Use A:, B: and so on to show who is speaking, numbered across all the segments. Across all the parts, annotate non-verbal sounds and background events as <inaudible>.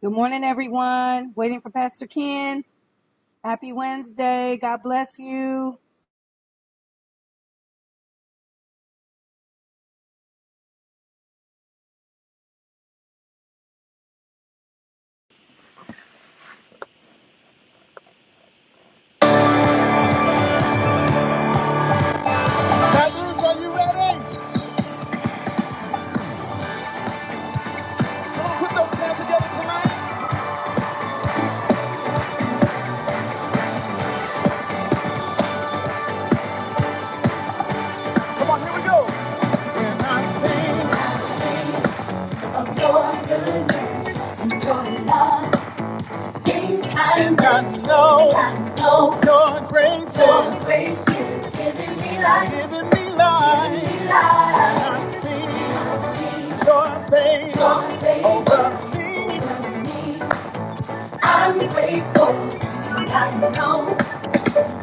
A: Good morning, everyone. Waiting for Pastor Ken. Happy Wednesday. God bless you.
B: Lazarus, are you ready? Come on, put those hands together tonight. Come on, here we go. When I think of your goodness and your love, think I not to know, I know your grace, your grace is giving me life, giving me life. Giving me life. When I see your face, your face over me. over me, I'm grateful. I know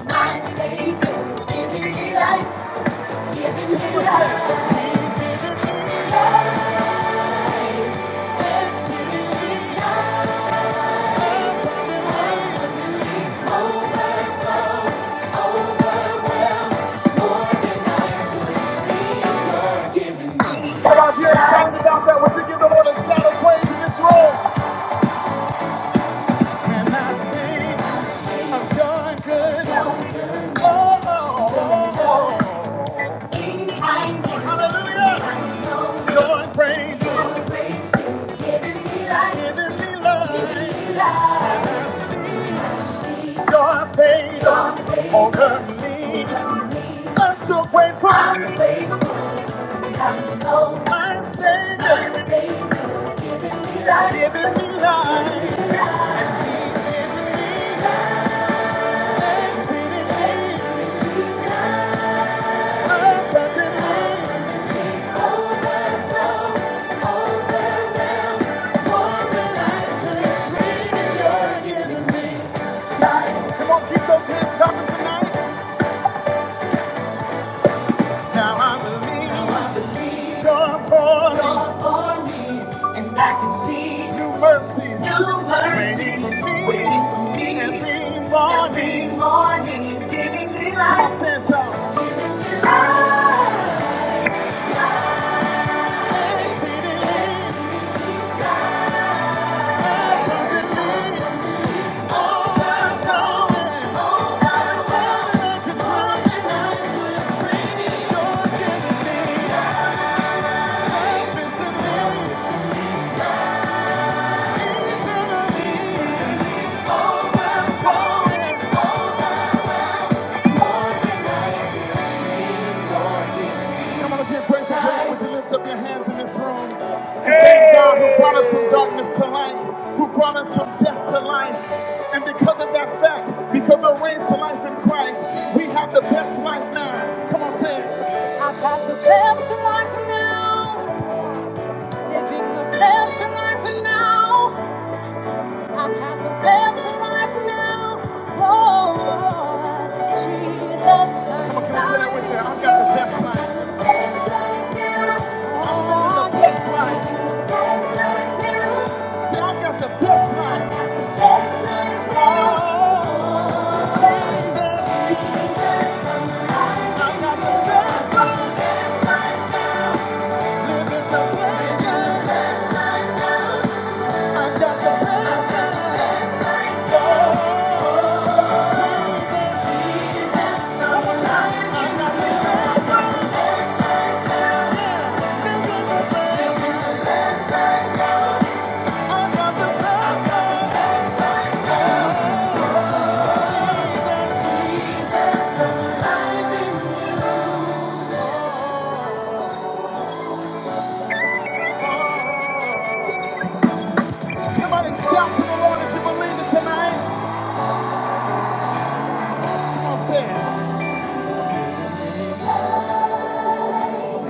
B: my Savior is giving me life. Come out here and sound it out there. Would you give the Lord a shout of praise in this room? And I think I've done good. Oh, oh, oh. oh, Hallelujah. Your praise is giving me life. Giving me life. And I see. Your favor over me. I'm so grateful. My Savior, is giving me life. Giving me life. giving me exceedingly, abundantly, more than I could dream. You're giving me life. Come on, keep those hands coming tonight. Now I believe you're for me, and I can see new mercies, new mercies waiting for me, waiting for me every morning, every morning, giving me life. That's all. Exceedingly, abundantly, overflowing, abundantly, you're giving me. Self is to me, eternally. I'm gonna give praise to Would you lift up your hands in this room thank God who brought us from darkness to light, who brought us from death to life. And because of that fact, because we're raised to life in Christ, we have the best life now. Come on, say it. I've got the best life now. Living the best life now. I'm at the best right now. oh, Jesus. Come on, can I say that with you? I've got the best life. I'm living the best life. Say, I've got the best life. now. Oh, Jesus. I've got the best life. Living the best life. I've got the best life. Oh. Somebody shout to the Lord if you believe it tonight. Come on, say it. I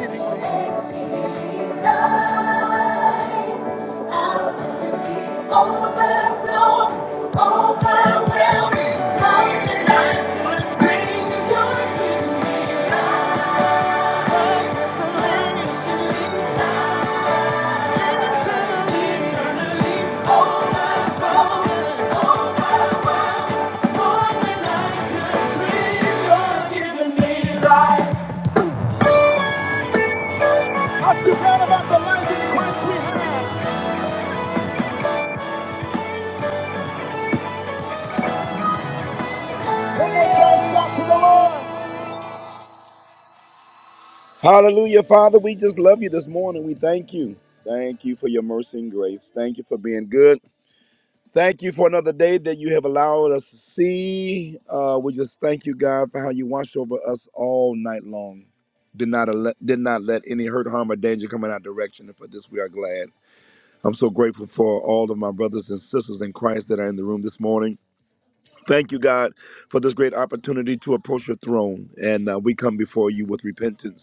B: glad about the life in Christ we have. One more time, shout to the Lord. Hallelujah, Father. We just love you this morning. We thank you. Thank you for your mercy and grace. Thank you for being good. Thank you for another day that you have allowed us to see. Uh, we just thank you, God, for how you watched over us all night long. Did not let, did not let any hurt, harm, or danger come in our direction. And for this, we are glad. I'm so grateful for all of my brothers and sisters in Christ that are in the room this morning. Thank you, God, for this great opportunity to approach your throne. And uh, we come before you with repentance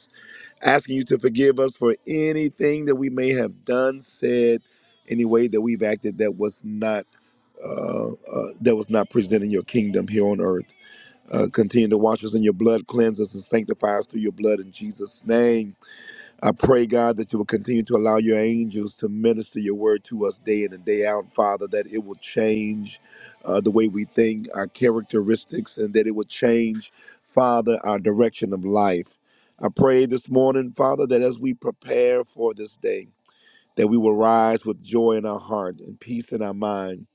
B: asking you to forgive us for anything that we may have done, said, any way that we've acted that was not uh, that was not presenting your kingdom here on earth. Uh, continue to wash us in your blood, cleanse us, and sanctify us through your blood in Jesus' name. I pray, God, that you will continue to allow your angels to minister your word to us day in and day out, Father, that it will change uh, the way we think, our characteristics, and that it will change, Father, our direction of life. I pray this morning, Father, that as we prepare for this day, that we will rise with joy in our heart and peace in our mind,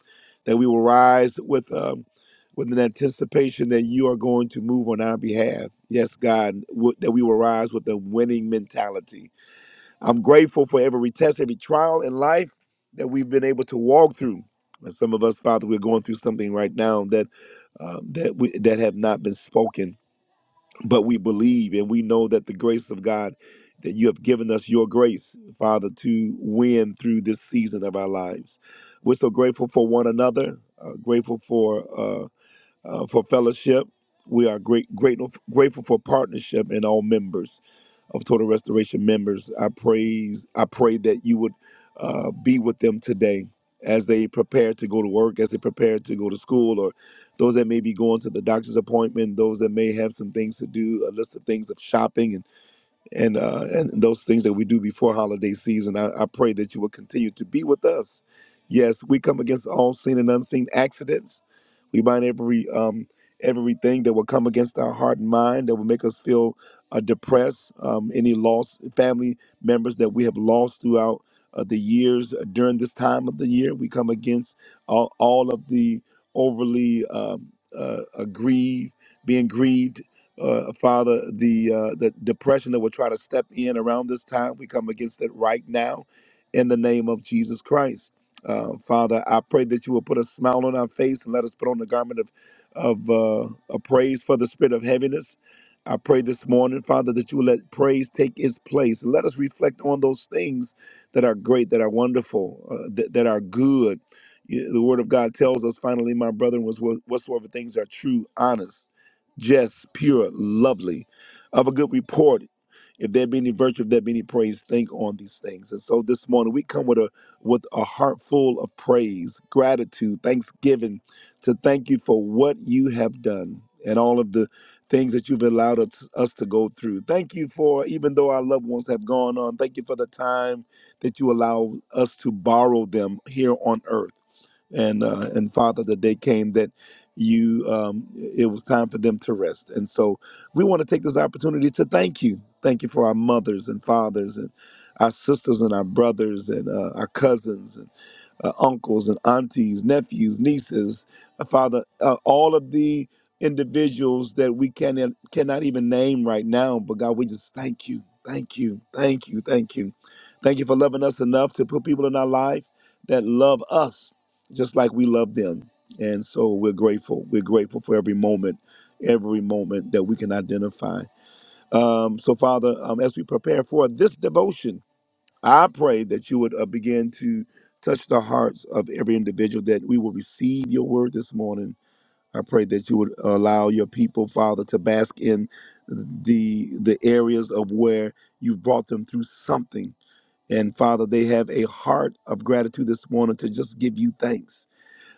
B: that we will rise with um, with an anticipation that you are going to move on our behalf. Yes, God, w- that we will rise with a winning mentality I'm grateful for every test, every trial in life that we've been able to walk through. And some of us, Father, we're going through something right now that uh, that we, that have not been spoken, but we believe and we know that the grace of God that you have given us your grace, Father, to win through this season of our lives. We're so grateful for one another, uh, grateful for. uh, uh, for fellowship. We are great, grateful, grateful for partnership in all members of Total Restoration members. I praise, I pray that you would uh, be with them today as they prepare to go to work, as they prepare to go to school, or those that may be going to the doctor's appointment, those that may have some things to do, a list of things of shopping, and and uh, and those things that we do before holiday season. I, I pray that you will continue to be with us. Yes, we come against all seen and unseen accidents. We bind every um, everything that will come against our heart and mind that will make us feel uh, depressed. Um, any lost family members that we have lost throughout uh, the years uh, during this time of the year, we come against all, all of the overly um, uh, uh, grieved, being grieved uh, Father, the uh, the depression that will try to step in around this time. We come against it right now, in the name of Jesus Christ. Uh, Father, I pray that you will put a smile on our face and let us put on the garment of of uh, a praise for the spirit of heaviness. I pray this morning, Father, that you will let praise take its place. Let us reflect on those things that are great, that are wonderful, uh, that, that are good. You- The Word of God tells us, finally, my brethren, was what- whatsoever things are true, honest just, pure, lovely, of a good report. If there be any virtue, if there be any praise, think on these things. And so this morning we come with a with a heart full of praise, gratitude, thanksgiving, to thank you for what you have done and all of the things that you've allowed us us to go through. Thank you for even though our loved ones have gone on, thank you for the time that you allow us to borrow them here on earth and uh, and Father, the day came that you um, it was time for them to rest. And so we want to take this opportunity to thank you, thank you for our mothers and fathers and our sisters and our brothers and uh, our cousins uh, uncles and aunties, nephews, nieces, uh, Father, uh, all of the individuals that we can, uh, cannot even name right now. But God, we just thank you, thank you, thank you, thank you. Thank you for loving us enough to put people in our life that love us just like we love them. And so we're grateful. We're grateful for every moment, every moment that we can identify. Um, so, Father, um, as we prepare for this devotion, I pray that you would uh, begin to touch the hearts of every individual that we will receive your word this morning. I pray that you would allow your people, Father, to bask in the the areas of where you've brought them through something. And Father, they have a heart of gratitude this morning to just give you thanks.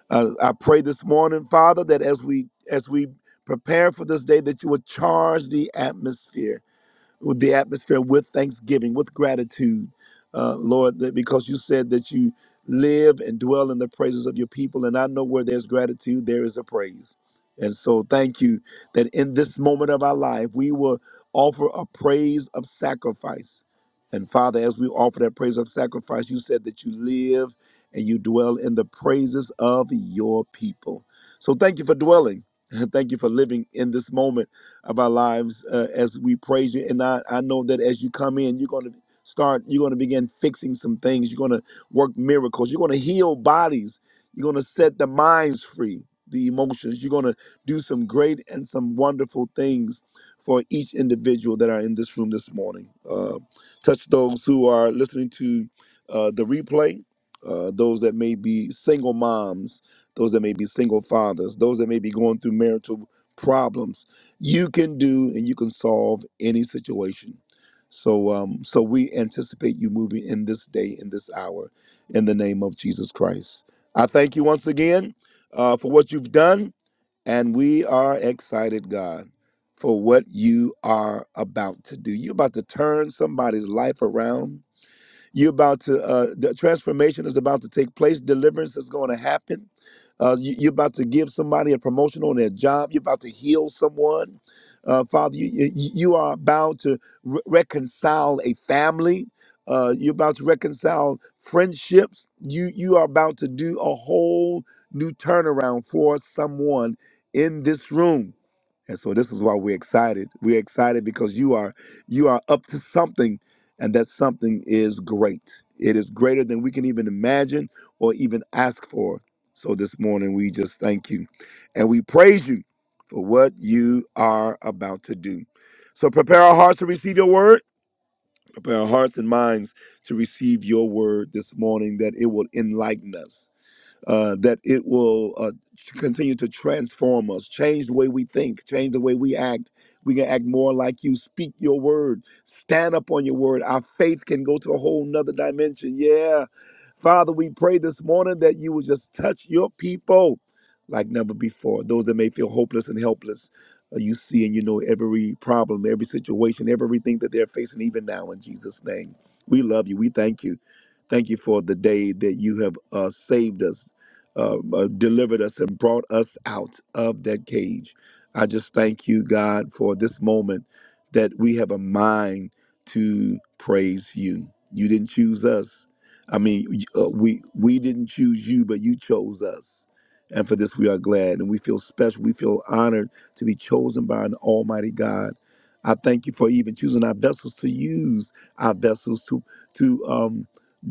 B: Uh, I pray this morning, Father, that as we as we prepare for this day, that you would charge the atmosphere with the atmosphere with thanksgiving, with gratitude, uh, Lord, that because you said that you live and dwell in the praises of your people. And I know where there's gratitude, there is a praise. And so thank you that in this moment of our life, we will offer a praise of sacrifice. And Father, as we offer that praise of sacrifice, you said that you live and you dwell in the praises of your people. So thank you for dwelling. <laughs> Thank you for living in this moment of our lives uh, as we praise you. And I, I know that as you come in, you're going to start, you're going to begin fixing some things. You're going to work miracles. You're going to heal bodies. You're going to set the minds free, the emotions. You're going to do some great and some wonderful things for each individual that are in this room this morning. Uh, touch those who are listening to uh, the replay, uh, those that may be single moms, those that may be single fathers, those that may be going through marital problems you can do and you can solve any situation. So, um, so we anticipate you moving in this day, in this hour, in the name of Jesus Christ. I thank you once again uh, for what you've done, and we are excited, God, for what you are about to do. You're about to turn somebody's life around you're about to, uh, the transformation is about to take place. Deliverance is going to happen. Uh, you, you're about to give somebody a promotion on their job. You're about to heal someone. Uh, Father, you, you, you are about to re- reconcile a family. Uh, you're about to reconcile friendships. You, you are about to do a whole new turnaround for someone in this room. And so this is why we're excited. We're excited because you are you are up to something and that something is great. It is greater than we can even imagine or even ask for. So this morning we just thank you and we praise you for what you are about to do. So prepare our hearts to receive your word. Prepare our hearts and minds to receive your word this morning that it will enlighten us uh, that it will uh, continue to transform us, change the way we think, change the way we act. We can act more like you, speak your word, stand up on your word. Our faith can go to a whole nother dimension. Yeah. Father, we pray this morning that you will just touch your people like never before. Those that may feel hopeless and helpless, uh, you see and you know every problem, every situation, everything that they're facing, even now in Jesus' name. We love you. We thank you. Thank you for the day that you have uh, saved us uh, uh, delivered us and brought us out of that cage. I just thank you, God, for this moment that we have a mind to praise you. You didn't choose us. I mean, y- uh, we we didn't choose you, but you chose us. And for this, we are glad and we feel special. We feel honored to be chosen by an almighty God. I thank you for even choosing our vessels to use our vessels to to um,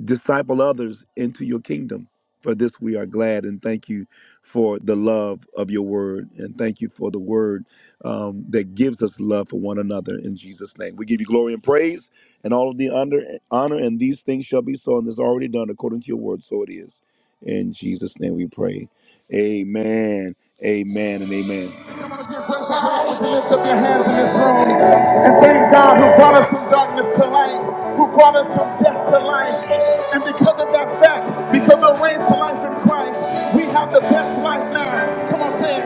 B: disciple others into your kingdom. For this we are glad and thank you for the love of your word and thank you for the word um, that gives us love for one another in Jesus' name. We give you glory and praise and all of the honor, honor and these things shall be so and is already done according to your word. So it is. In Jesus' name we pray. Amen, amen, and amen. I want you to lift up your hands in this room and thank God who brought us from darkness to light, who brought us from death to life. And because of that fact, because we're raised to life in Christ, we have the best life now. Come on, say it.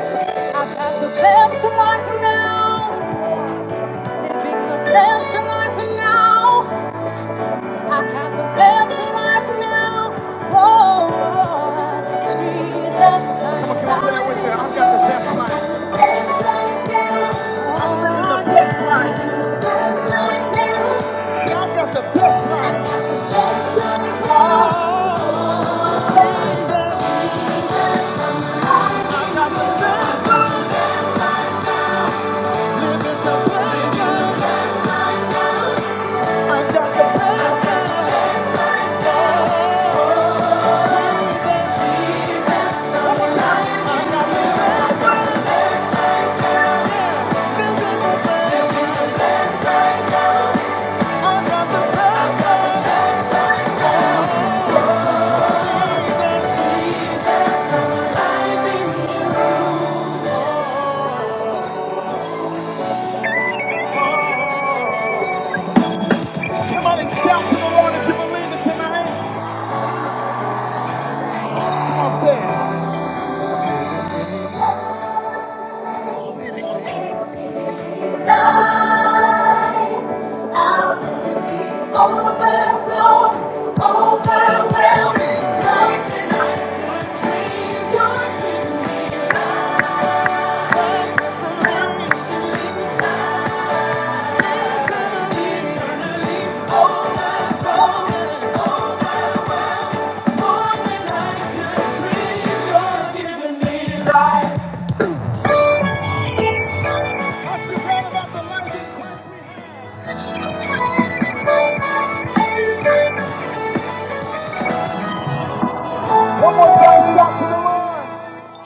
B: I've had the best of life now. Living the best of life now. I have the best life now. Oh, Jesus. Come on, can you say that with me? I've got the best life. Best life now. I'm living the best life. Best life now. Yeah, I've got the best life. Best life now. Jesus, living the best life. I've got the best life. One more time. Living the best life. I've got the best life. Oh, oh, oh, oh, oh. Come on and shout to the Lord if you believe it tonight. Come on, say it. Tonight, I will be overflowed, overwhelmed. Something I could dream, you're giving me the unconditionally, eternally, eternally. Overflowing, overflowing, I could dream, you're giving me. One more time, shout to the Lord.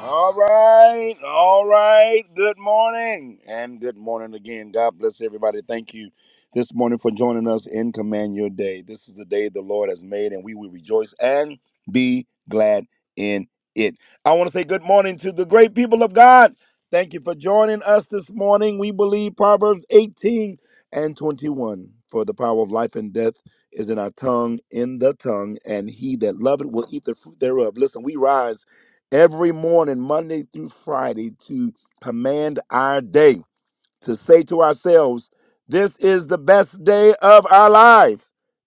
B: All right, all right. Good morning, and good morning again. God bless everybody. Thank you this morning for joining us in Command Your Day. This is the day the Lord has made, and we will rejoice and be glad in it. I want to say good morning to the great people of God. Thank you for joining us this morning. We believe Proverbs 18 and 21 for the power of life and death is in our tongue, in the tongue, and he that loveth will eat the fruit thereof. Listen, we rise every morning, Monday through Friday, to command our day, to say to ourselves, This is the best day of our life.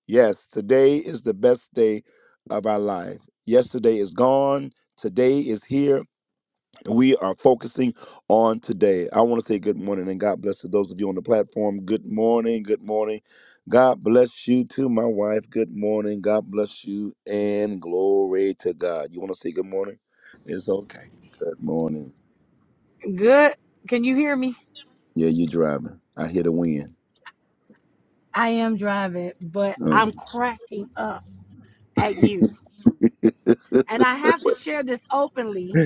B: Yes, today is the best day of our life. Yesterday is gone. Today is here we are focusing on today. I want to say good morning and God bless to those of you on the platform. Good morning. Good morning. God bless you to my wife. Good morning. God bless you and glory to God. You want to say good morning? It's okay. Good morning.
A: Good. Can you hear me?
B: Yeah, you driving. I hear the wind.
A: I am driving, but
B: Mm.
A: I'm cracking up at you.
B: <laughs>
A: And I have to share this openly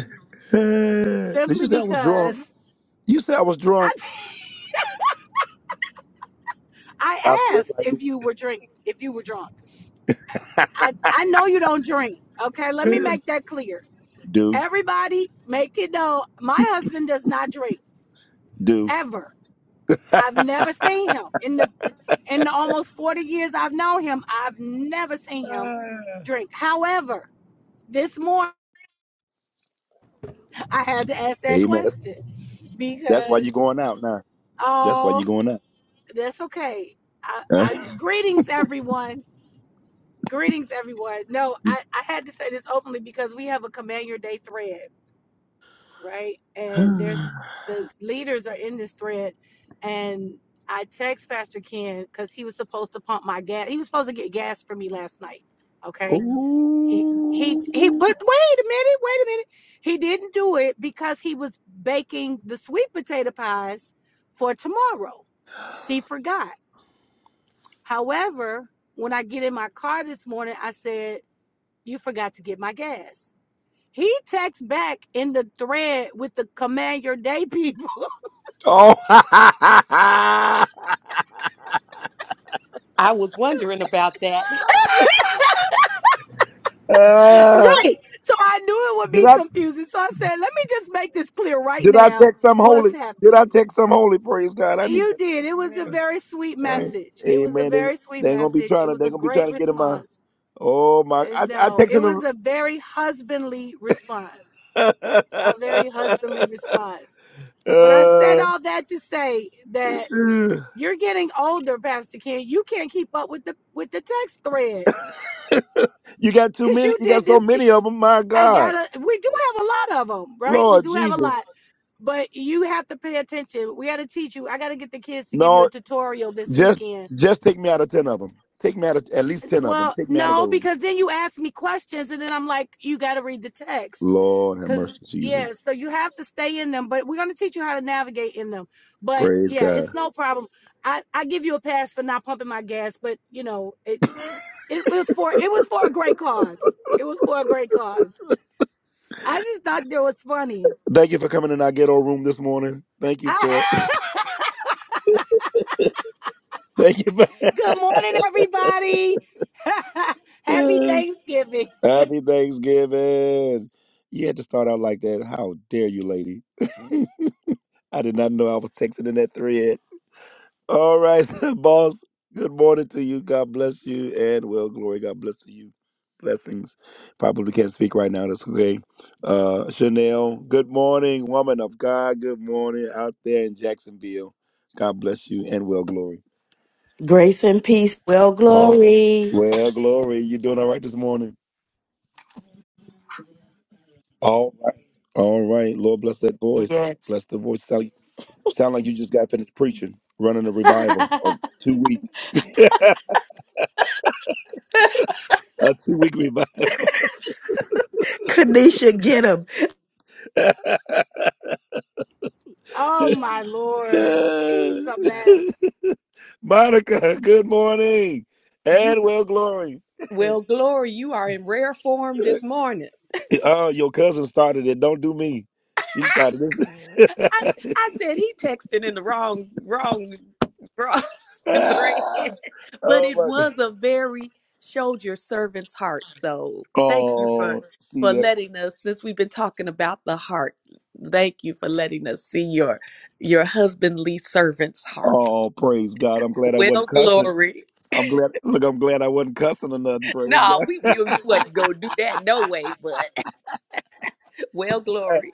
B: Did you
A: simply
B: say I was drunk?
A: because
B: You said I was
A: I
B: drunk.
A: <laughs>
B: I
A: I
B: feel
A: asked
B: like
A: if
B: it.
A: you were drink if you were drunk. I, I know you don't drink. Okay, let me make that clear.
B: Do,
A: Everybody make it known. My husband does not drink
B: do.
A: ever. I've never seen him in the In the almost 40 years I've known him, I've never seen him drink. However, this morning <laughs> I had to ask that
B: Amen. That's,
A: question
B: that's why you're
A: because
B: going out now. That's why you're
A: oh,
B: going
A: that's okay. I,
B: out.
A: I greetings everyone. Greetings everyone. No, I, I had to say this openly because we have a command your day thread, right? And
B: <laughs>
A: there's the leaders are in this thread and I text Pastor Ken because he was supposed to pump my gas. He was supposed to get gas for me last night. Okay he he he but
B: Ooh.
A: wait a minute wait a minute he didn't do it because he was baking the sweet potato pies for tomorrow he forgot however when i get in my car this morning i said you forgot to get my gas he texts back in the thread with the command your day people <laughs>
B: Oh. <laughs> Uh,
A: right so i knew it would
B: did
A: be
B: I
A: confusing so i said let me just make this clear right
B: did I
A: now
B: text some
A: what's
B: holy? Did
A: happening
B: I text some holy? Praise God. I need
A: You
B: to.
A: did. It was a
B: Amen.
A: very sweet
B: All right.
A: message. It was a
B: Amen. They,
A: very sweet
B: they ain't gonna be
A: message.
B: trying
A: It
B: to.
A: was
B: They
A: a
B: gonna be trying
A: great
B: to get in my.
A: response.
B: Oh my.
A: And
B: I I
A: no, it
B: texting
A: was
B: them.
A: a very husbandly response.
B: <laughs>
A: A very husbandly response. But I said
B: uh,
A: all that to say that you're getting older, Pastor Ken. You can't keep up with the with the text threads
B: you got too
A: because
B: many.
A: you
B: You got
A: did
B: so
A: this. th-
B: many of them. My
A: I
B: God,
A: gotta. We do have a lot of them, right? We
B: Lord
A: do have a
B: Jesus.
A: lot, but you have to pay attention. We got to teach you. I got to get the kids to give you a
B: No,
A: tutorial this
B: just
A: weekend
B: just take me out of ten of them. Take me out of at least ten of them.
A: Well,
B: Take me out of
A: no,
B: those.
A: because then you ask me questions, and then I'm like, you got to read the text.
B: Lord have
A: Because,
B: mercy,
A: yeah,
B: Jesus.
A: so you have to stay in them, but we're going to teach you how to navigate in them. But,
B: Praise
A: yeah,
B: God.
A: it's no problem. I, I give you a pass for not pumping my gas, but, you know, it, it it was for it was for a great cause. It was for a great cause. I just thought that was funny.
B: Thank you for coming in our ghetto room this morning. Thank you for it.
A: <laughs>
B: <laughs> Thank you for
A: Good morning, everybody. <laughs> Happy Thanksgiving.
B: <laughs> Happy Thanksgiving. You had to start out like that. How dare you, lady? <laughs> I did not know I was texting in that thread. All right, <laughs> boss. Good morning to you. God bless you and well glory. God bless to you. Blessings. Probably can't speak right now. That's okay. Uh, Chanel, good morning, woman of God. Good morning out there in Jacksonville. God bless you and well glory.
C: Grace and peace. Well,
B: Oh,
C: glory.
B: well glory. You doing all right this morning? All right. All right. Lord bless that voice. Bless
C: Yes.
B: the voice. Sound, like, sound like you just got finished preaching, running a revival,
C: <laughs>
B: a two week, a two week revival.
C: Kanisha, get 'em.
A: Oh,
B: <laughs>
A: my
B: <laughs>
A: Lord. He's a mess.
B: Monica, good morning. And well, glory. <laughs> Oh, your cousin started it. Don't do me. She started this. <laughs> Ah, oh my God. Oh, see that? Oh, praise God. I'm glad I wasn't cussing. I'm glad. Look, I'm glad I wasn't cussing or nothing. Praise God.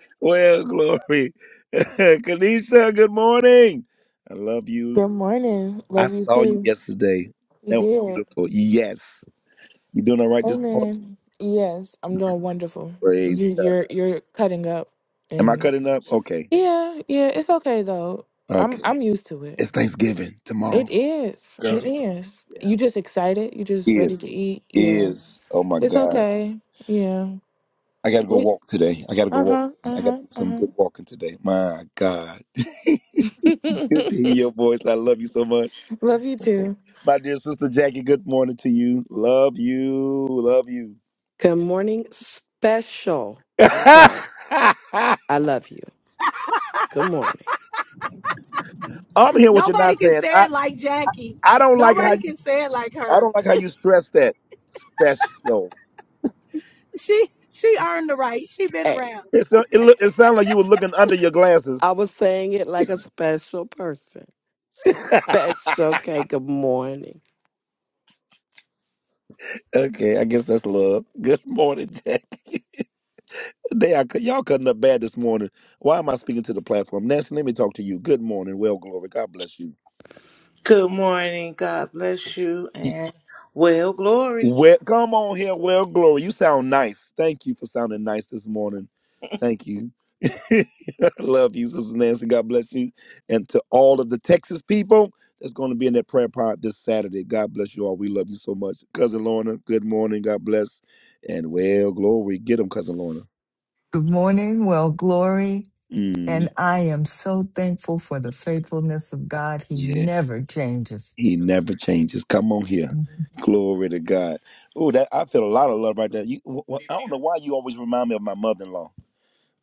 B: <laughs> well, glory. <laughs> Kanisha, good morning. I love you.
D: Good morning.
B: I
D: Love you
B: saw you
D: too.
B: yesterday.
D: You
B: That was
D: did.
B: beautiful. Yes. You doing all right this morning?
D: Amen. Yes, I'm doing wonderful.
B: Praise
D: You,
B: God.
D: you're you're cutting up,
B: Am I
D: and
B: cutting up? Okay.
D: yeah, yeah, it's okay though. I'm
B: Okay.
D: I'm used to it.
B: It's Thanksgiving
D: It
B: tomorrow.
D: is. It
B: Girls.
D: is. You just excited. You just ready
B: Is.
D: to eat. Yeah,
B: Is. Oh my
D: it's
B: God.
D: okay. Yeah.
B: I gotta go
D: Wait.
B: walk today. I gotta go
D: Uh
B: walk.
D: huh.
B: today.
D: Uh
B: I gotta
D: huh.
B: do some
D: Uh
B: good walking today. My God. <laughs> good
D: huh.
B: to hear your voice. I love you so much.
D: <laughs> Love you too.
B: My dear sister Jackie, good morning to you. Love you. Love you.
E: Good morning, special K.
B: <laughs>
E: I love you. Good morning.
B: I'm here with you
A: Nobody
B: not
A: can
B: saying.
A: say
B: I,
A: it like Jackie.
B: I don't like how
A: Nobody
B: you
A: can say it like
B: I
A: her.
B: don't like how you stress that special.
A: She she earned the right. She been
E: Hey,
A: around.
B: It sound- it, look, it sounded like you were looking under your glasses.
E: I was saying it like a special person. Special K. Good morning.
B: Okay, I guess that's love. <laughs> Good morning, Jack. They are, y'all cutting up bad this morning. Why am I speaking to the platform? Nancy, let me talk to you. Good morning. Well, glory. God bless you.
F: Good morning. God bless you
B: Y-
F: and well, glory.
B: Well, come on here. Well, glory. You sound nice. Thank you for sounding nice this morning. Thank you. <laughs> I love you, Sister Nancy. God bless you. And to all of the Texas people that's going to be in that prayer pod this Saturday, God bless you all. We love you so much. Cousin Lorna, good morning. God bless. And well, glory. Get him, Cousin Lorna.
G: Good morning. Well, glory. And
B: Mm,
G: I am so thankful for the faithfulness of God. He
B: yes,
G: never changes.
B: he never changes. Come on here. Glory to God. Oh, that I feel a lot of love right there. You, wh- wh- I don't know why you always remind me of my mother-in-law.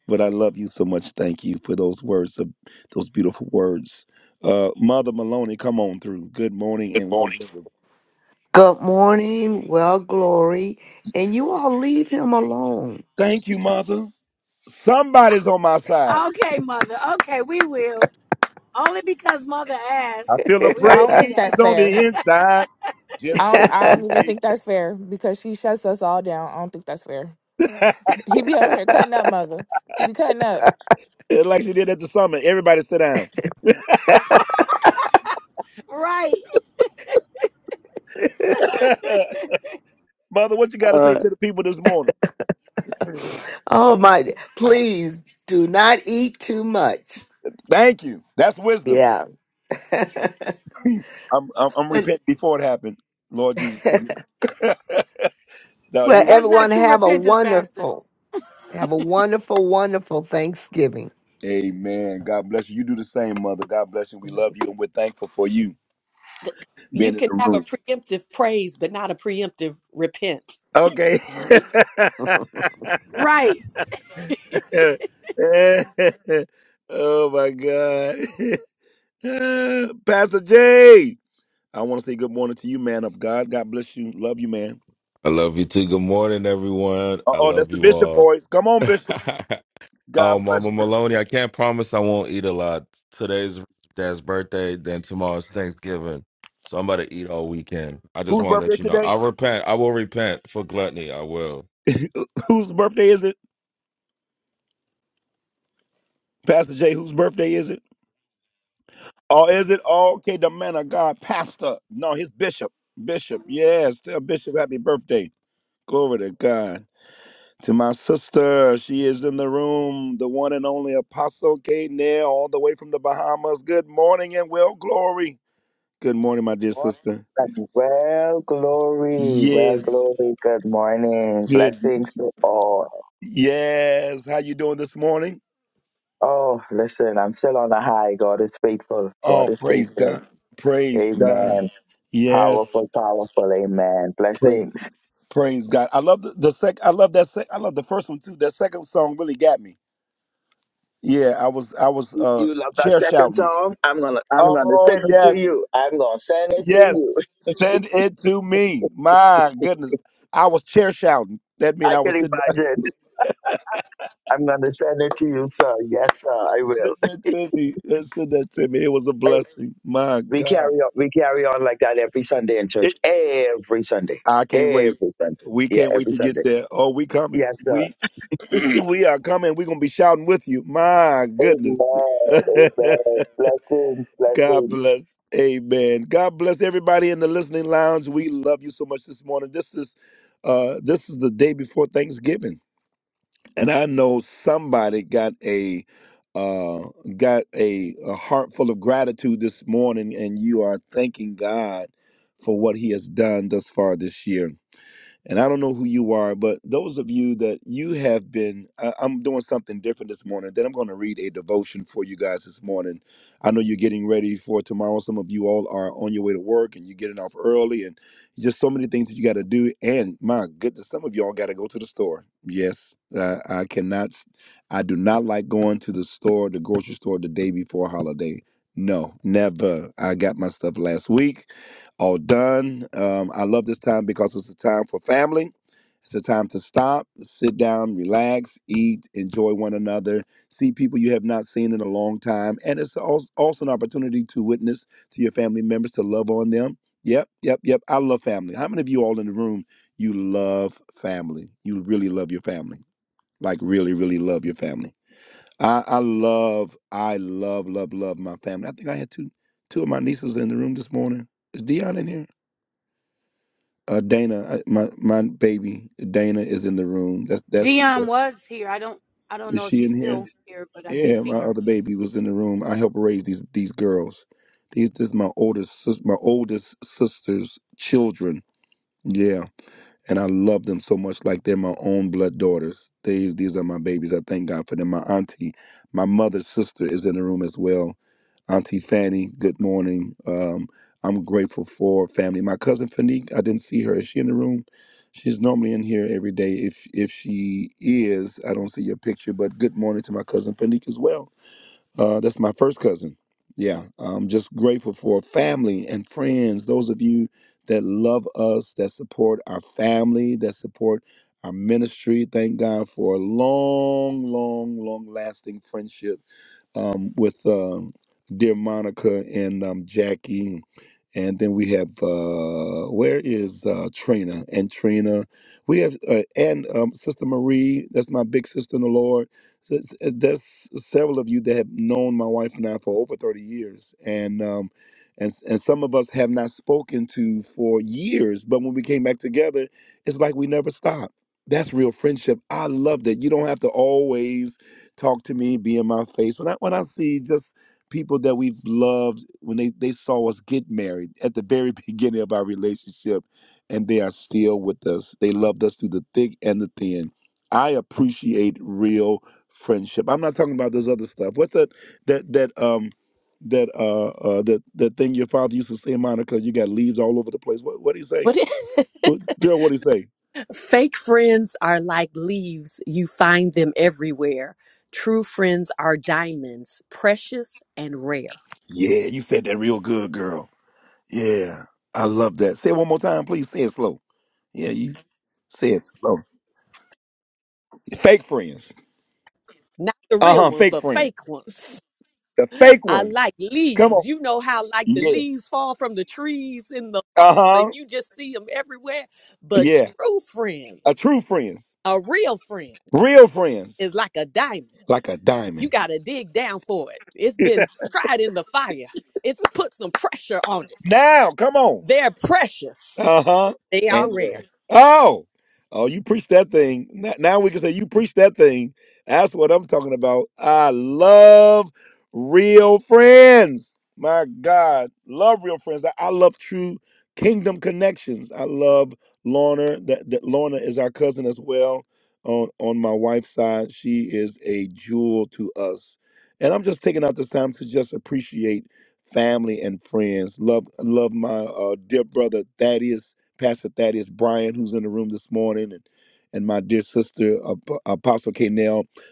B: But I love you so much. Thank you for those words, of- those beautiful words. Uh, Mother Maloney, come on through. Good morning
H: Good
B: and
H: morning.
B: welcome.
H: Good morning, well, glory, and you all leave him alone.
B: Thank you, Mother. Somebody's on my side.
A: Okay, mother. Okay, we will. Only because mother
B: I
A: asked,
B: feel a
A: we will
D: I don't
A: do
D: think
A: that.
D: that's
B: praise on
D: fair.
B: the inside. Just
D: I
H: <laughs>
D: don't.
B: can't
D: I don't
B: keep
D: even
B: it.
D: think that's fair because she shuts us all down. I don't think that's fair. He be over here cutting up, mother. He be cutting up.
B: It's Like she did at the summit. Everybody sit down.
A: Right.
B: <laughs> Mother, what you got to say
H: Uh,
B: to the people this morning?
H: oh my! Please do not eat too much.
B: Thank you. That's wisdom.
H: Yeah, <laughs> but
B: I'm, I'm, I'm
H: <laughs>
B: repenting before it happened. Lord Jesus. Now,
H: well,
B: you're right.
A: That's not
H: everyone
A: true
H: have a
A: repentance, Pastor.
H: wonderful, have a wonderful, wonderful Thanksgiving.
B: Amen. God bless you. You do the same, mother. God bless you. We love you and we're thankful for you being in the room. Okay.
A: Right.
B: <laughs> oh my God. <laughs> Pastor J. I want to say good morning to you, man of God. God bless you. Love you, man.
I: I love you too. Good morning, everyone.
B: Uh
I: I
B: oh, that's
I: love
B: the
I: you
B: bishop
I: all.
B: voice. Come
I: <laughs>
B: on, bishop. God
I: um,
B: bless
I: Mama
B: you.
I: Maloney, I can't promise I won't eat a lot. Today's dad's birthday, then tomorrow's Thanksgiving. So I'm about to eat all weekend. I just
B: Whose
I: want to
B: birthday
I: let you know.
B: today?
I: I'll repent. I will repent for gluttony. I will.
B: <laughs> Whose birthday is it? Pastor J, whose birthday is it? Or is it oh, okay, the man of God, pastor? No, his bishop. Bishop, yes. Tell Bishop happy birthday. Glory to God. To my sister, she is in the room, the one and only Apostle K. Nail, all the way from the Bahamas. Good morning and well glory. Good morning, my dear
J: Morning.
B: sister.
J: Well, glory, well,
B: Yes.
J: glory. Good morning.
B: Good.
J: Blessings to all.
B: Yes. How you doing this morning?
J: Oh, listen, I'm still on a high. God is faithful. God
B: Oh,
J: is
B: praise
J: faithful.
B: God. Praise God.
J: Amen.
B: Yes.
J: Powerful, powerful. Amen.
B: Praise.
J: Blessings.
B: Praise God. I love the, the sec. I love that. Sec- I love the first one too. That second song really got me. Yeah, I was I was uh
J: You love that
B: chair
J: second
B: shouting.
J: song? I'm gonna, I'm gonna
B: Oh
J: send it
B: yes,
J: to you. I'm gonna send it to
B: yes.
J: you.
B: Send it to me. My goodness, I was chair shouting. That
J: <laughs>
B: mean
J: I
B: I
J: can
B: was sitting there,
J: imagine. I'm gonna send it to you, sir. Yes, sir. I
B: <laughs> send
J: will.
B: it to me. Uh, Send that to me. It was a
J: <laughs>
B: blessing. My
J: We carry
B: God,
J: on, we carry on like that every Sunday in church.
B: it,
J: Every Sunday.
B: I can't wait.
J: Every Sunday.
B: We
J: Yeah,
B: can't wait
J: every
B: to
J: Sunday.
B: get there. Oh, we coming.
J: Yes, sir.
B: We <clears throat> we are coming. We're gonna be shouting with you. My goodness.
J: Amen.
B: <laughs>
J: Amen. Blessings,
B: God
J: blessings.
B: bless. Amen. God bless everybody in the listening lounge. We love you so much this morning. This is uh this is the day before Thanksgiving. And I know somebody got a uh got a, a heart full of gratitude this morning and you are thanking God for what he has done thus far this year. And I don't know who you are, but those of you that you have been, I, I'm doing something different this morning. Then I'm going to read a devotion for you guys this morning. I know you're getting ready for tomorrow. Some of you all are on your way to work and you're getting off early, and just so many things that you got to do. And my goodness, some of y'all got to go to the store. Yes, uh, I cannot, I do not like going to the store, the grocery store, the day before a holiday. No, never. I got my stuff last week all done. Um, I love this time because it's a time for family. It's a time to stop, sit down, relax, eat, enjoy one another, see people you have not seen in a long time. And it's als- also an opportunity to witness to your family members, to love on them. Yep, yep, yep. I love family. How many of you all in the room, you love family? You really love your family. Like, really, really love your family. I, I love, I love, love, love my family. I think I had two two of my nieces in the room this morning. Is Dion in here? Uh, Dana, I, my my baby Dana is in the room. That's that's,
A: Dion
B: that's
A: was here. I don't I don't
B: is
A: know if
B: she
A: she's
B: in
A: still
B: here?
A: here, but I did
B: Yeah,
A: see
B: my
A: her.
B: other baby
A: Yes.
B: was in the room. I help raise these these girls. These this is my oldest sis- my oldest sister's children. Yeah and I love them so much like they're my own blood daughters. These these are my babies. I thank God for them. My auntie, my mother's sister is in the room as well. Auntie Fanny, good morning. Um, I'm grateful for family. My cousin Fanique, I didn't see her. Is she in the room? She's normally in here every day. If if she is, I don't see your picture. But good morning to my cousin Fanique as well. Uh, that's my first cousin. Yeah, I'm just grateful for family and friends. Those of you that love us, that support our family, that support our ministry. Thank God for a long, long, long lasting friendship um, with um, dear Monica and um, Jackie. And then we have uh, where is uh, Trina and Trina? We have uh, and um, Sister Marie. That's my big sister in the Lord. So it's- it's- That's several of you that have known my wife and I for over thirty years, and um, and and some of us have not spoken to for years. But when we came back together, it's like we never stopped. That's real friendship. I love that. You don't have to always talk to me, be in my face. When I when I see just people that we've loved, when they they saw us get married at the very <laughs> beginning of our relationship, and they are still with us. They loved us through the thick and the thin. I appreciate real friendship. I'm not talking about this other stuff. What's that that that um that uh, uh that that thing your father used to say, Monica? You got leaves all over the place. What what do you say, Well, girl? What do you say? Yeah, you said that real good, girl. Yeah, I love that. Say it one more time, please. Say it slow. Yeah, you say it slow. Fake friends. Uh huh. Fake friends. The fake ones. Come on. Yeah. Uh huh. Yeah. A true friends. Real friends. Like a diamond. <laughs> now, come on. Uh huh. And there. Oh, oh, you preach that thing. Now now we can say you preach that thing. That's what I'm talking about. I love real friends. My God, love real friends. I, I love true kingdom connections. I love Lorna. That, that Lorna is our cousin as well. On on my wife's side, she is a jewel to us. And I'm just taking out this time to just appreciate family and friends. Love love my uh, dear brother Thaddeus, Pastor Thaddeus Bryan, who's in the room this morning, and and my dear sister Ap- Apostle K.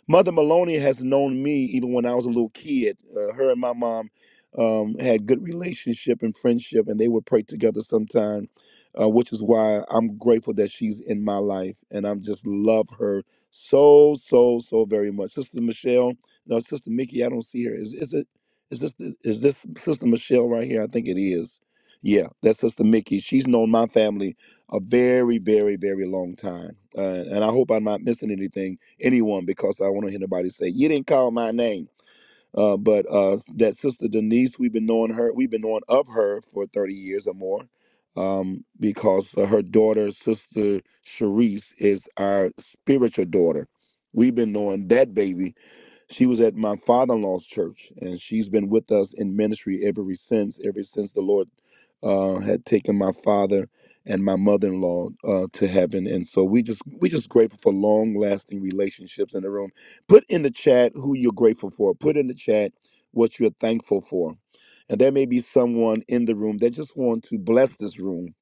B: Mother Maloney has known me even when I was a little kid. Uh, her and my mom um, had good relationship and friendship, and they would pray together sometime, uh, which is why I'm grateful that she's in my life, and I'm just love her so so so very much. Sister Michelle, no, Sister Mickey, I don't see her. Is is is this is this Sister Michelle right here? I think it is. Yeah, that's Sister Mickey. She's known my family a very, very, very long time, uh, and I hope I'm not missing anything, anyone, because I want to hear nobody say you didn't call my name. Uh, but uh, that Sister Denise, we've been knowing her, we've been knowing of her for 30 years or more, um, because uh, her daughter, Sister Sharice, is our spiritual daughter. We've been knowing that baby she was at my father in law's church, and she's been with us in ministry ever since, ever since the Lord uh, had taken my father and my mother in law uh, to heaven. And so we just we just grateful for long lasting relationships in the room. Put in the chat who you're grateful for. Put in the chat what you're thankful for. And there may be someone in the room that just want to bless this room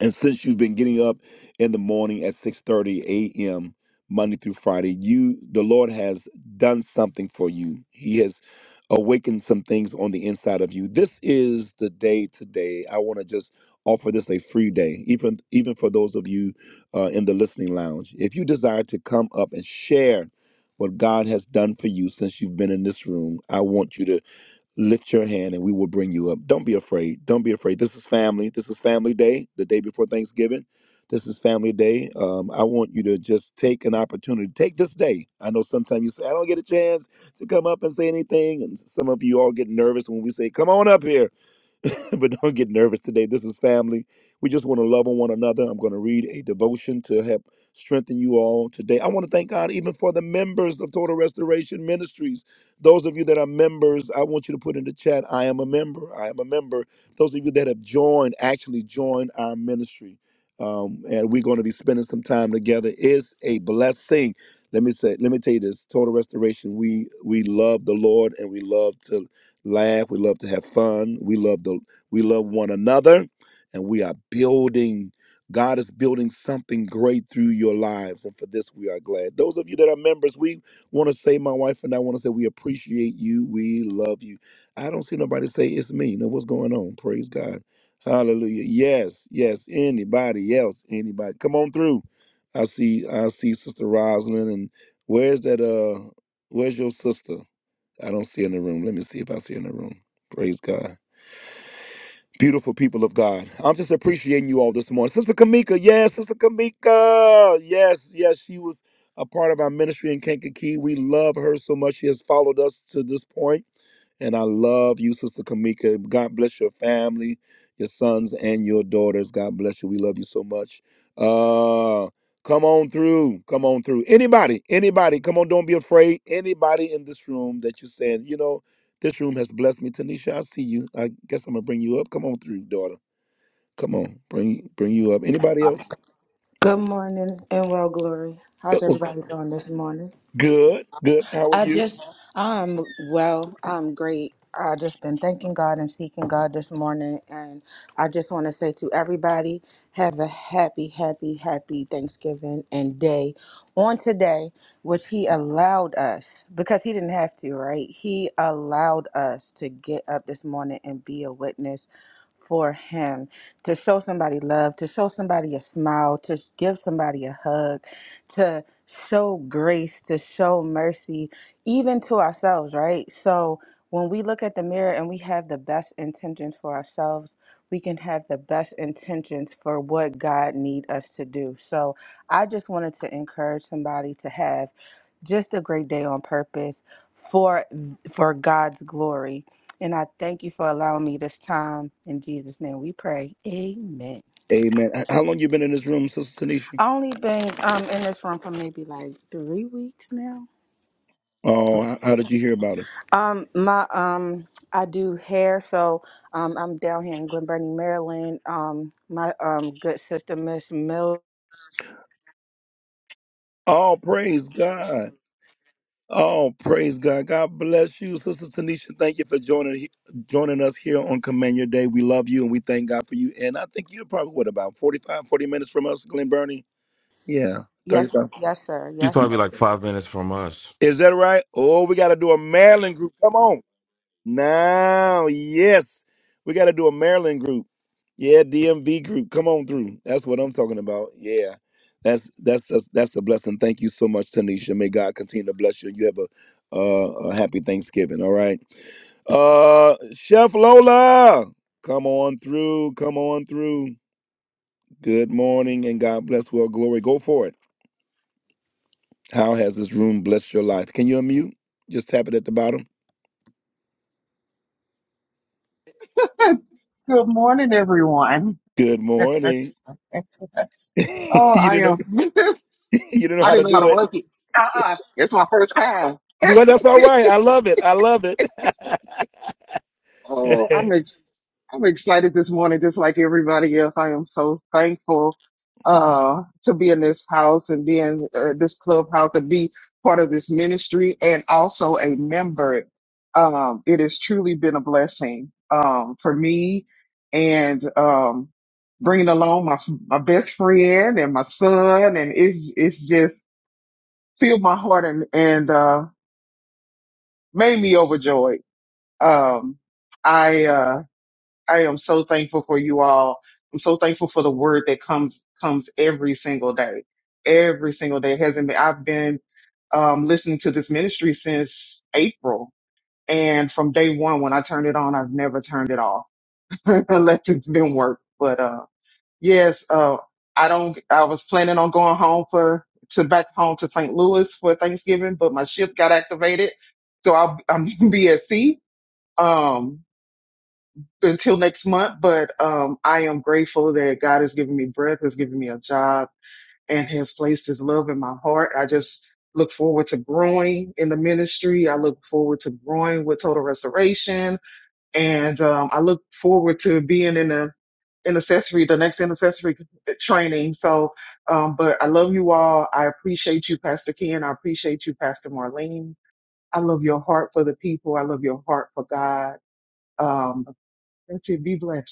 B: and since you've been getting up in the morning at 6:30 a.m. Monday through Friday, you the Lord has done something for you. He has awakened some things on the inside of you. This is the day today. I want to just offer this a free day, even even for those of you uh, in the listening lounge. If you desire to come up and share what God has done for you since you've been in this room, I want you to lift your hand and we will bring you up. Don't be afraid. Don't be afraid. This is family. This is family day, the day before Thanksgiving. This is family day. Um, I want you to just take an opportunity. Take this day. I know sometimes you say, I don't get a chance to come up and say anything. And some of you all get nervous when we say, Come on up here. <laughs> but don't get nervous today. This is family. We just want to love on one another. I'm going to read a devotion to help strengthen you all today. I want to thank God even for the members of Total Restoration Ministries. Those of you that are members, I want you to put in the chat, I am a member. I am a member. Those of you that have joined, actually joined our ministry. Um, and we're going to be spending some time together. It's a blessing. Let me say, let me tell you this. Total restoration. We we love the Lord and we love to laugh. We love to have fun. We love the we love one another and we are building. God is building something great through your lives. And for this, we are glad. Those of you that are members, we want to say, my wife and I want to say, we appreciate you. We love you. I don't see nobody say, it's me. Now, what's going on? Praise God. Hallelujah. Yes, yes. Anybody else? Anybody? Come on through. I see, I see Sister Rosalind. And where's that? Uh, Where's your sister? I don't see her in the room. Let me see if I see her in the room. Praise God. Beautiful people of God. I'm just appreciating you all this morning. Sister Kamika, yes, Sister Kamika. Yes, yes, she was a part of our ministry in Kankakee. We love her so much. She has followed us to this point. And I love you, Sister Kamika. God bless your family, your sons and your daughters. God bless you. We love you so much. Uh come on through. Come on through. Anybody, anybody, come on, don't be afraid. Anybody in this room that you said, you know, this room has blessed me. Tanisha, I see you. I guess I'm gonna bring you up. Come on through, daughter. Come on, bring bring you up. Anybody else?
K: Good morning and well, Glory.
B: Uh,
K: How's
B: uh,
K: everybody doing this morning?
B: Good, good. How are
K: I
B: you?
K: just, I'm well, I'm great. I just been thanking God and seeking God this morning. And I just want to say to everybody, have a happy, happy, happy Thanksgiving and day on today, which He allowed us because He didn't have to, right? He allowed us to get up this morning and be a witness for him to show somebody love, to show somebody a smile, to give somebody a hug, to show grace, to show mercy, even to ourselves, right? So when we look at the mirror and we have the best intentions for ourselves, we can have the best intentions for what God need us to do. So I just wanted to encourage somebody to have just a great day on purpose for for God's glory. And I thank you for allowing me this time. In Jesus' name we pray. Amen.
B: Amen. H- How long you been in this room, Sister Tanisha?
K: I only been um in this room for maybe like three weeks now.
B: Oh, h- how did you hear about us?
K: Um my um I do hair, so um I'm down here in Glen Burnie, Maryland. Um my um good sister Miss Mill
B: Oh, praise God. Oh, praise God. God bless you, Sister Tanisha. Thank you for joining joining us here on Command Your Day. We love you and we thank God for you. And I think you're probably, what, about 45, 40 minutes from us, Glen Burnie? Yeah,
K: Yes,
B: 35.
K: yes, sir.
I: She's
K: Yes, sir.
I: probably like five minutes from us.
B: Is that right? Oh, we got to do a Maryland group. Come on. Now, yes. We got to do a Maryland group. Yeah, DMV group. Come on through. That's what I'm talking about. Yeah. That's that's that's, that's a blessing. Thank you so much, Tanisha. May God continue to bless you. You have a, uh, a happy Thanksgiving. All right. Uh, Chef Lola, come on through. Come on through. Good morning and God bless. Well, glory. Go for it. How has this room blessed your life? Can you unmute? Just tap it at the bottom.
L: <laughs> Good morning, everyone.
B: Good
L: <laughs>
B: morning. <laughs>
L: oh,
B: you
L: I
B: didn't know.
L: am. <laughs>
B: <laughs> you didn't know
L: I
B: how to
L: didn't know
B: do
L: how to
B: it.
L: work it. Uh-uh. It's my first time.
B: Well, that's
L: <laughs>
B: all right. I love it. I love it.
L: Oh, I'm
B: <laughs>
L: ex- I'm excited this morning, just like everybody else. I am so thankful uh to be in this house and be in uh, this clubhouse and be part of this ministry and also a member. Um, it has truly been a blessing um for me and um bringing along my my best friend and my son and it's it's just filled my heart and and uh made me overjoyed. Um, I uh. I am so thankful for you all. I'm so thankful for the word that comes comes every single day. Every single day It hasn't been. I've been um, listening to this ministry since April, and from day one when I turned it on, I've never turned it off <laughs> unless it's been work. But uh, yes, uh, I don't. I was planning on going home for to back home to St. Louis for Thanksgiving, but my ship got activated, so I'll, I'm <laughs> be at sea. Um, until next month, but um, I am grateful that God has given me breath, has given me a job, and has placed His love in my heart. I just look forward to growing in the ministry. I look forward to growing with Total Restoration, and um, I look forward to being in a intercessory, the next intercessory training. So, um, but I love you all. I appreciate you, Pastor Ken. I appreciate you, Pastor Marlene. I love your heart for the people. I love your heart for God. Um, that's it. Be blessed.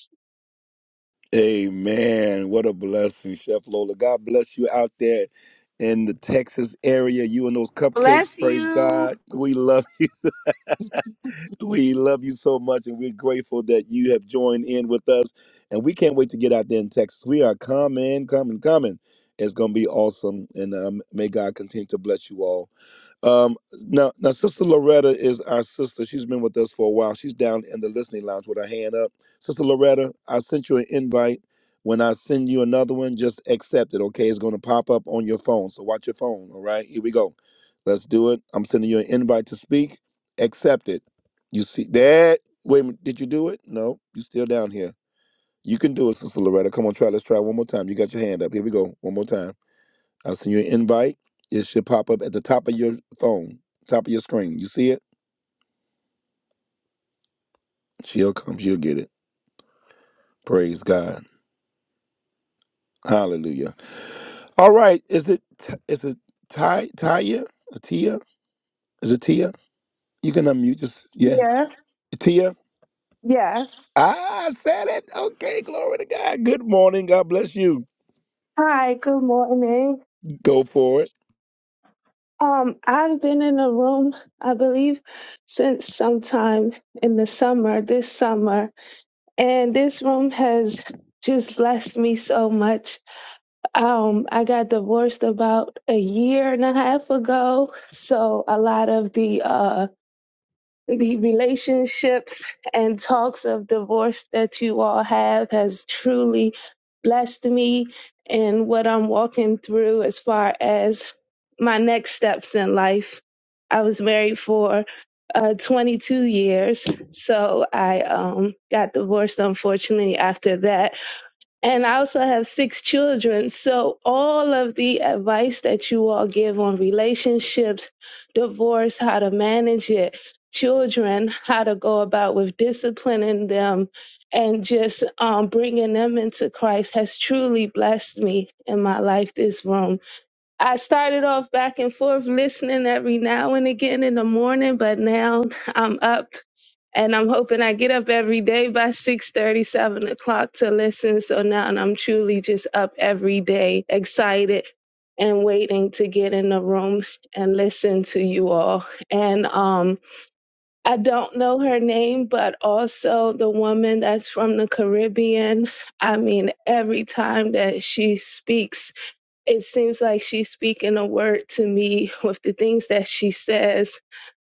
B: Amen. What a blessing, Chef Lola. God bless you out there in the Texas area. You and those
A: Bless
B: cupcakes. Praise
A: you.
B: God. We love you. <laughs> We love you so much, and we're grateful that you have joined in with us. And we can't wait to get out there in Texas. We are coming, coming, coming. It's going to be awesome. And um, may God continue to bless you all. Um, now, now, Sister Loretta is our sister. She's been with us for a while. She's down in the listening lounge with her hand up. Sister Loretta, I sent you an invite. When I send you another one, just accept it, okay? It's going to pop up on your phone. So watch your phone, all right? Here we go. Let's do it. I'm sending you an invite to speak. Accept it. You see that? Wait a minute. Did you do it? No, you still down here. You can do it, Sister Loretta. Come on, try. Let's try one more time. You got your hand up. Here we go. One more time. I'll send you an invite. It should pop up at the top of your phone, top of your screen. You see it? She'll come. She'll get it. Praise God. Hallelujah. All right. Is it is it Ty Taya? Tia? Is it Tia? You can unmute. Just yeah.
M: Yeah.
B: Tia.
M: Yes.
B: Ah, I said it. Okay. Glory to God. Good morning. God bless you.
M: Hi, good morning.
B: Go for it.
M: Um, I've been in a room, I believe, since sometime in the summer, this summer, and this room has just blessed me so much. Um, I got divorced about a year and a half ago, so a lot of the uh the relationships and talks of divorce that you all have has truly blessed me in what I'm walking through as far as my next steps in life. I was married for uh, 22 years, so I um, got divorced unfortunately after that and I also have six children. So, all of the advice that you all give on relationships, divorce, how to manage it, children, how to go about with disciplining them, and just um, bringing them into Christ has truly blessed me in my life this room. I started off back and forth listening every now and again in the morning, but now I'm up and I'm hoping I get up every day by six thirty, seven o'clock to listen. So now I'm truly just up every day, excited and waiting to get in the room and listen to you all. And um I don't know her name, but also the woman that's from the Caribbean. I mean, every time that she speaks it seems like she's speaking a word to me with the things that she says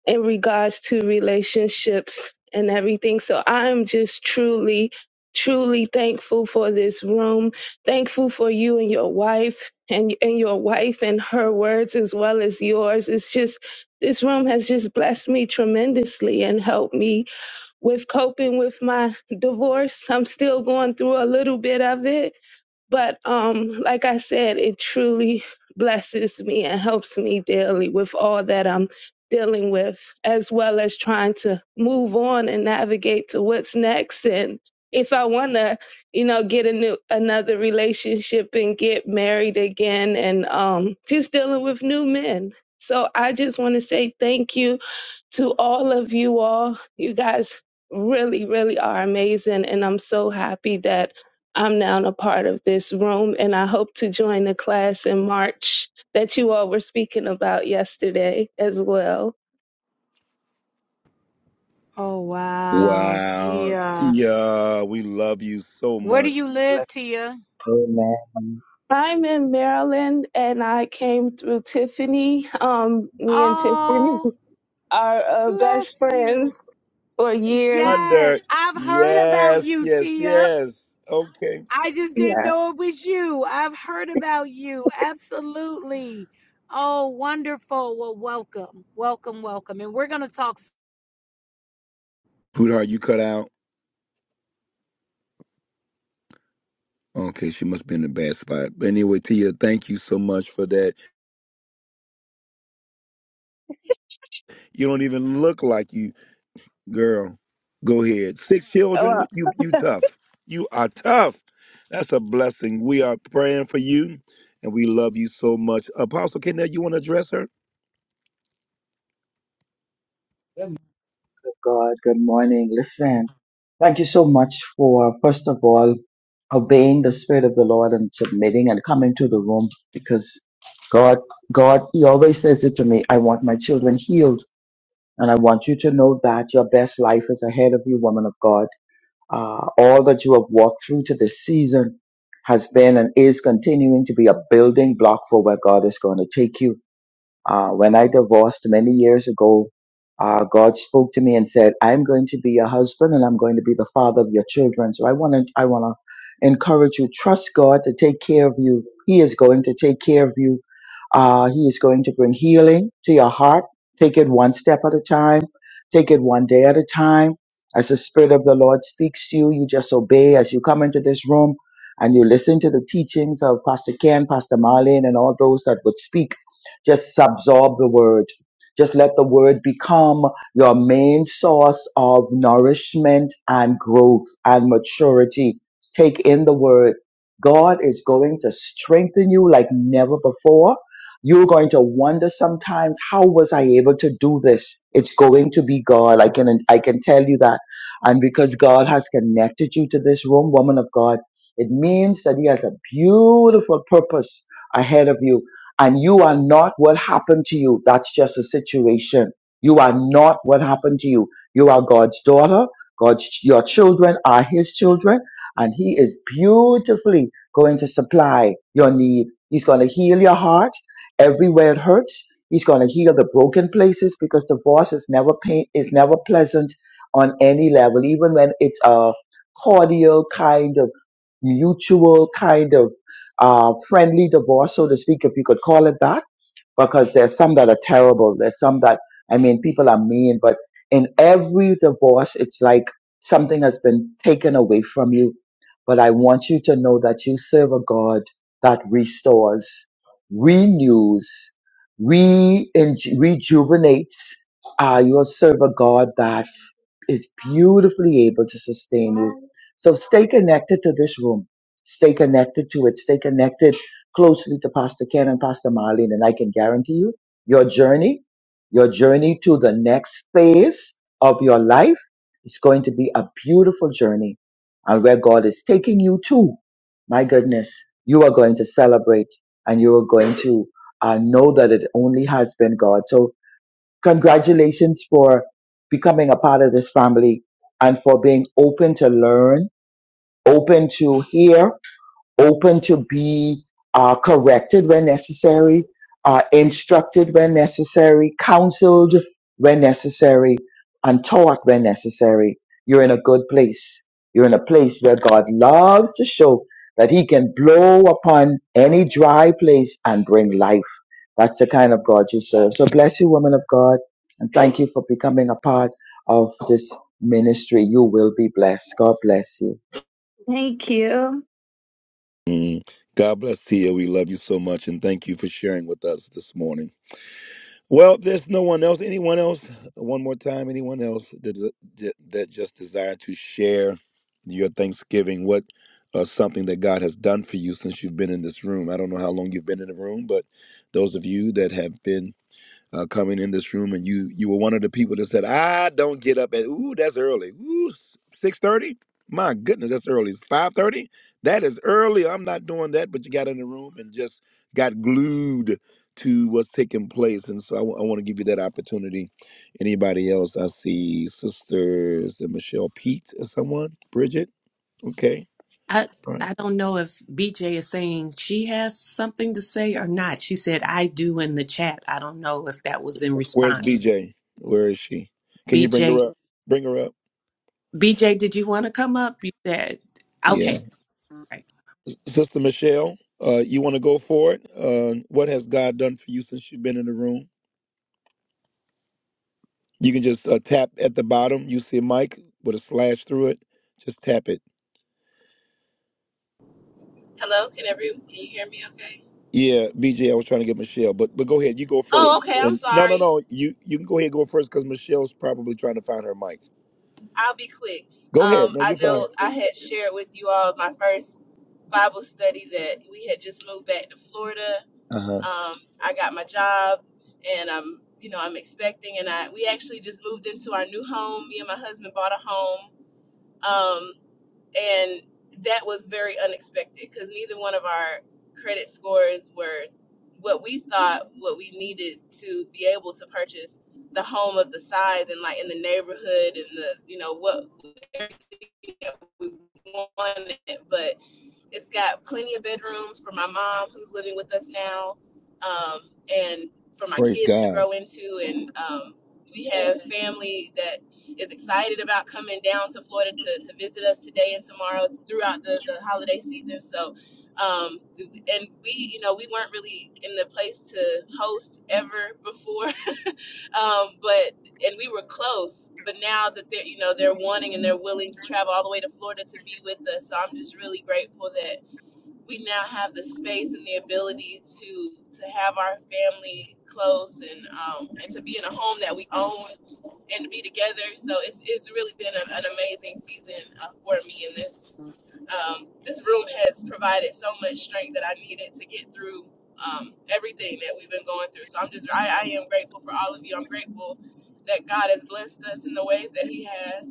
M: in regards to relationships and everything. So I'm just truly, truly thankful for this room. Thankful for you and your wife and, and your wife and her words as well as yours. It's just, this room has just blessed me tremendously and helped me with coping with my divorce. I'm still going through a little bit of it but um, like I said, it truly blesses me and helps me daily with all that I'm dealing with, as well as trying to move on and navigate to what's next. And if I want to, you know, get a new another relationship and get married again, and um, just dealing with new men. So I just want to say thank you to all of you all. You guys really, really are amazing. And I'm so happy that I'm now a part of this room. And I hope to join the class in March that you all were speaking about yesterday as well.
A: Oh wow,
B: Wow.
A: Tia.
B: Tia, we love you so
A: Where do
B: much.
A: you
J: Bless-
A: live, Tia?
J: Amen.
M: I'm in Maryland and I came through Tiffany. Um, me and Tiffany
A: Oh,
M: <laughs> are uh, best
A: bless you.
M: friends for years.
B: Under.
A: Yes, I've heard about
B: Yes.
A: you,
B: Yes.
A: Tia.
B: Yes. Okay.
A: I just didn't
M: Yeah.
A: know it was you. I've heard about you. Absolutely. Oh, wonderful. Well, welcome. Welcome, welcome. And we're going to talk.
B: Sweetheart, you cut out. Okay, she must be in a bad spot. But anyway, Tia, thank you so much for that. You don't even look like you, girl. Go ahead. Six children.
M: Well,
B: You you tough. You are tough. That's a blessing. We are praying for you, and we love you so much. Apostle Kenneth, you want to address her?
J: God, good morning. Listen, thank you so much for, first of all, obeying the Spirit of the Lord and submitting and coming to the room because God, God, He always says it to me I want my children healed. And I want you to know that your best life is ahead of you, woman of God. Uh, all that you have walked through to this season has been and is continuing to be a building block for where God is going to take you. Uh, when I divorced many years ago, uh, God spoke to me and said, "I'm going to be your husband and I'm going to be the father of your children." So I want to, I want to encourage you. Trust God to take care of you. He is going to take care of you uh, he is going to bring healing to your heart. Take it one step at a time. Take it one day at a time. As the Spirit of the Lord speaks to you, you just obey as you come into this room and you listen to the teachings of Pastor Ken, Pastor Marlene, and all those that would speak. Just absorb the word. Just let the word become your main source of nourishment and growth and maturity. Take in the word. God is going to strengthen you like never before. You're going to wonder sometimes, how was I able to do this? It's going to be God. I can, I can tell you that. And because God has connected you to this room, woman of God, it means that He has a beautiful purpose ahead of you. And you are not what happened to you. That's just a situation. You are not what happened to you. You are God's daughter. God's, your children are His children. And He is beautifully going to supply your need. He's going to heal your heart. Everywhere it hurts, he's going to heal the broken places because divorce is never pain is never pleasant on any level, even when it's a cordial kind of mutual kind of uh, friendly divorce, so to speak, if you could call it that because there's some that are terrible. There's some that, I mean, people are mean, but in every divorce, it's like something has been taken away from you. But I want you to know that you serve a God that restores, renews, re rejuvenates. Uh, you serve a God that is beautifully able to sustain you. So stay connected to this room. Stay connected to it. Stay connected closely to Pastor Ken and Pastor Marlene. And I can guarantee you your journey, your journey to the next phase of your life is going to be a beautiful journey. And where God is taking you to, my goodness, you are going to celebrate and you are going to uh, know that it only has been God. So Congratulations for becoming a part of this family and for being open to learn, open to hear, open to be uh, corrected when necessary, uh, instructed when necessary, counseled when necessary, and taught when necessary. You're in a good place. You're in a place where God loves to show that He can blow upon any dry place and bring life that's the kind of God you serve. So bless you, woman of God, and thank you for becoming a part of this ministry. You will be blessed. God bless you.
M: thank you.
B: Mm. God bless Tia. We love you so much, and thank you for sharing with us this morning. Well, there's no one else. Anyone else? One more time. Anyone else that that, that just desire to share your Thanksgiving? What uh, something that God has done for you since you've been in this room? I don't know how long you've been in the room, but those of you that have been uh, coming in this room, and you you were one of the people that said, "I don't get up at ooh, that's early. Ooh, six thirty. My goodness, that's early. It's five thirty. That is early. I'm not doing that." But you got in the room and just got glued to what's taking place, and so I want to give you that opportunity. Anybody else? I see sisters and Michelle Pete or someone, Bridget. Okay,
N: I,
B: all right.
N: I in the chat. I don't know if that
B: Where's
N: response.
B: BJ? Where is she? Can
N: B
B: you bring
N: J.
B: her up? Bring her up.
N: B J. did you want to come up? You said
B: Yeah.
N: okay. right.
B: Sister Michelle, uh, you want to go for it? Uh, what has God done for you since you've been in the room? You can just uh, tap at the bottom. You see a mic with a slash through it. Just tap it.
O: Hello, can every can you hear me okay?
B: Yeah, BJ, I was trying to get Michelle, but but go ahead. You go first.
O: Oh, okay, I'm
B: And no, no,
O: sorry.
B: no. You you can go ahead and go first because Michelle's probably trying to find her mic.
O: I'll be quick.
B: Go
O: Um,
B: ahead. No,
O: I
B: you're fine.
O: know I had shared with you all my first Bible study that we had just moved back to Florida.
B: Uh huh.
O: Um, I got my job and I'm you know, I'm expecting and I we actually just moved into our new home. Me and my husband bought a home. Um. and that was very unexpected because neither one of our credit scores were what we thought what we needed to be able to purchase the home of the size and like in the neighborhood and the you know what everything that we wanted but it's got plenty of bedrooms for my mom, who's living with us now, um, and for my
B: Praise
O: kids to
B: God.
O: grow into. And um, we have family that is excited about coming down to Florida to, to visit us today and tomorrow throughout the, the holiday season. So, um, and we, you know, we weren't really in the place to host ever before, <laughs> um, but and we were close. But now that they're, you know, they're wanting and they're willing to travel all the way to Florida to be with us, so I'm just really grateful that we now have the space and the ability to to have our family close and um, and to be in a home that we own and to be together. So it's it's really been a, an amazing season uh, for me. And this um, this room has provided so much strength that I needed to get through um, everything that we've been going through. So I'm just I, I am grateful for all of you. I'm grateful that God has blessed us in the ways that He has.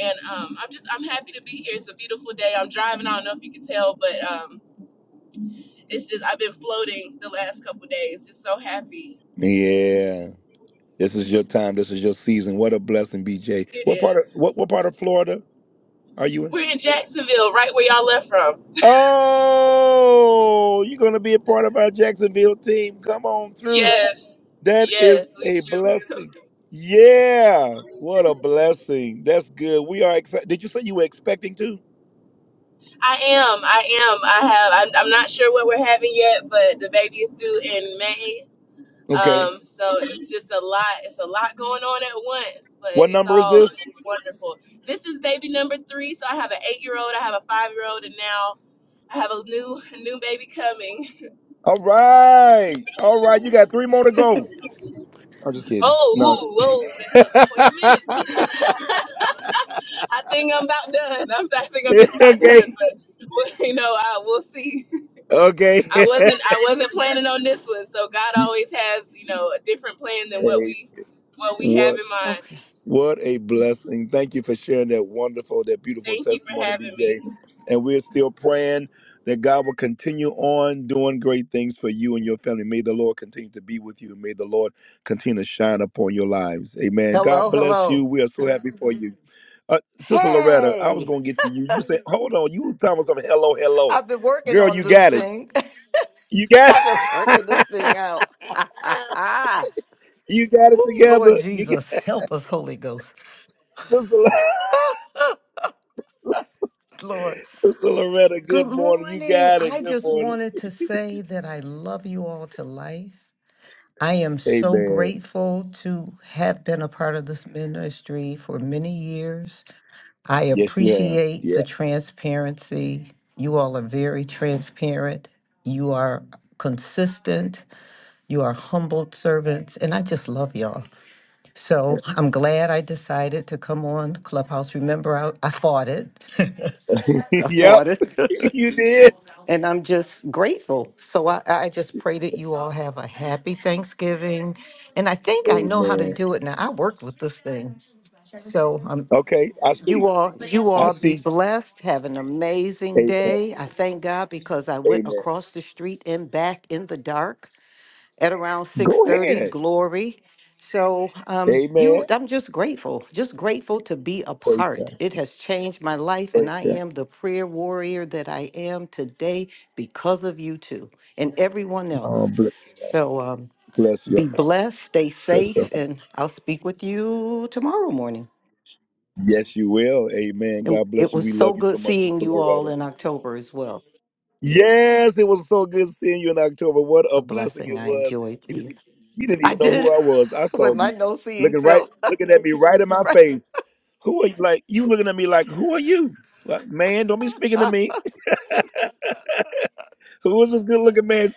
O: And um, I'm just I'm happy to be here. It's a beautiful day. I'm driving. I don't know if you can tell, but um, it's just I've been floating the last couple of days. Just so happy.
B: Yeah. This is your time. This is your season. What a blessing, BJ.
O: It
B: What part of
O: is.
B: what what part of Florida are you in?
O: We're in Jacksonville, right where y'all left from.
B: Oh, you're going to be a part of our Jacksonville team. Come on through.
O: Yes.
B: That is
O: Yes, we
B: a
O: sure.
B: blessing. Yeah, what a blessing. That's good. We are excited. Did you say you were expecting to?
O: <laughs> I am. I am. I have. I'm, I'm not sure what we're having yet, but the baby is due in May.
B: Okay.
O: Um, so it's just a lot. It's a lot going on at once, but
B: What
O: it's
B: number is
O: all
B: this?
O: wonderful. This is baby number three. So I have an eight-year-old, I have a five-year-old, and now I have a new <laughs> a new baby coming.
B: All right. All right. You got three more to go. I'm just kidding.
O: Oh,
B: No.
O: ooh, whoa, there. wait a minute. <laughs> I think I'm about done. I'm, I think I'm
B: <laughs>
O: just about
B: okay.
O: done, but <laughs> you know, I we'll see. I
B: Okay. <laughs>
O: wasn't I wasn't planning on this one, so God
B: hey,
O: always has you know a different plan than what we what we
B: what?
O: have in mind.
P: Okay.
B: What a blessing. Thank you for sharing that wonderful, that beautiful
O: Thank you for
B: testimony,
O: having me.
B: BJ. And we're still praying that God will continue on doing great things for you and your family. May the Lord continue to be with you. May the Lord continue to shine upon your lives. Amen. God
P: Hello,
B: bless you.
P: hello.
B: We are so happy for you. Uh, Sister Loretta, I was
P: Hey,
B: going to get to you. You said, hold on. You was talking about something. Hello, hello.
P: I've been working
B: Girl,
P: on
B: you
P: this
B: got it.
P: thing.
B: You
P: <laughs>
B: got
P: I've been
B: it.
P: working this thing out. <laughs>
B: <laughs> you got it
P: Ooh, Lord
B: together. You got
P: Jesus, help us, Holy Ghost.
B: Sister,
P: Lord,
B: <laughs> Sister Loretta,
P: good
B: good morning. You
P: morning.
B: got it.
P: I
B: Good
P: just
B: morning.
P: wanted to say that I love you all to life. I am so
B: Amen.
P: grateful to have been a part of this ministry for many years. I
B: Yes, you have.
P: appreciate the
B: Yeah.
P: transparency. You all are very transparent. You are consistent. You are humble servants, and I just love y'all. So I'm glad I decided to come on Clubhouse. Remember, I, I fought it. <laughs>
B: <laughs>
P: I
B: yep,
P: fought it.
B: <laughs>
P: <laughs>
B: you did.
P: and I'm just grateful. So I, I just pray that you all have a happy Thanksgiving. And I think I know how to
B: Amen.
P: do it now. I worked with this thing. So I'm
B: Okay, I
P: you
B: see.
P: all, you
B: I
P: all be
B: see.
P: blessed. Have an amazing
B: Amen.
P: day. I thank God because I went
B: Amen.
P: across the street and back in the dark at around six
B: Go
P: thirty.
B: ahead.
P: Glory. So, um,
B: Amen.
P: you, I'm just grateful, just grateful to be a
B: Praise
P: part.
B: God.
P: It has changed my life, and
B: Praise
P: I
B: God.
P: am the prayer warrior that I am today because of you two and everyone else.
B: Um, bless you.
P: So, um,
B: Bless
P: be
B: your heart.
P: blessed, stay
B: Bless your
P: safe,
B: heart.
P: and I'll speak with you tomorrow morning.
B: Yes, you will. Amen.
P: And
B: God
P: It
B: bless you.
P: was
B: We
P: so
B: love you
P: good
B: so much,
P: seeing
B: Sister
P: you all
B: Loretta.
P: in October as well.
B: Yes, it was so good seeing you in October. What
P: It's
B: a
P: a
B: blessing
P: blessing.
B: it
P: I
B: was.
P: enjoyed
B: You
P: the.
B: didn't, you didn't
P: I
B: even know
P: did
B: who I was. I
P: <laughs> with
B: saw
P: my
B: you
P: no seeing
B: looking right,
P: self,
B: looking at me right in
P: <laughs>
B: my
P: right?
B: face. Who are you? Like you looking at me like, who are you? Like, man, don't be speaking to me. <laughs> Who is this good looking man?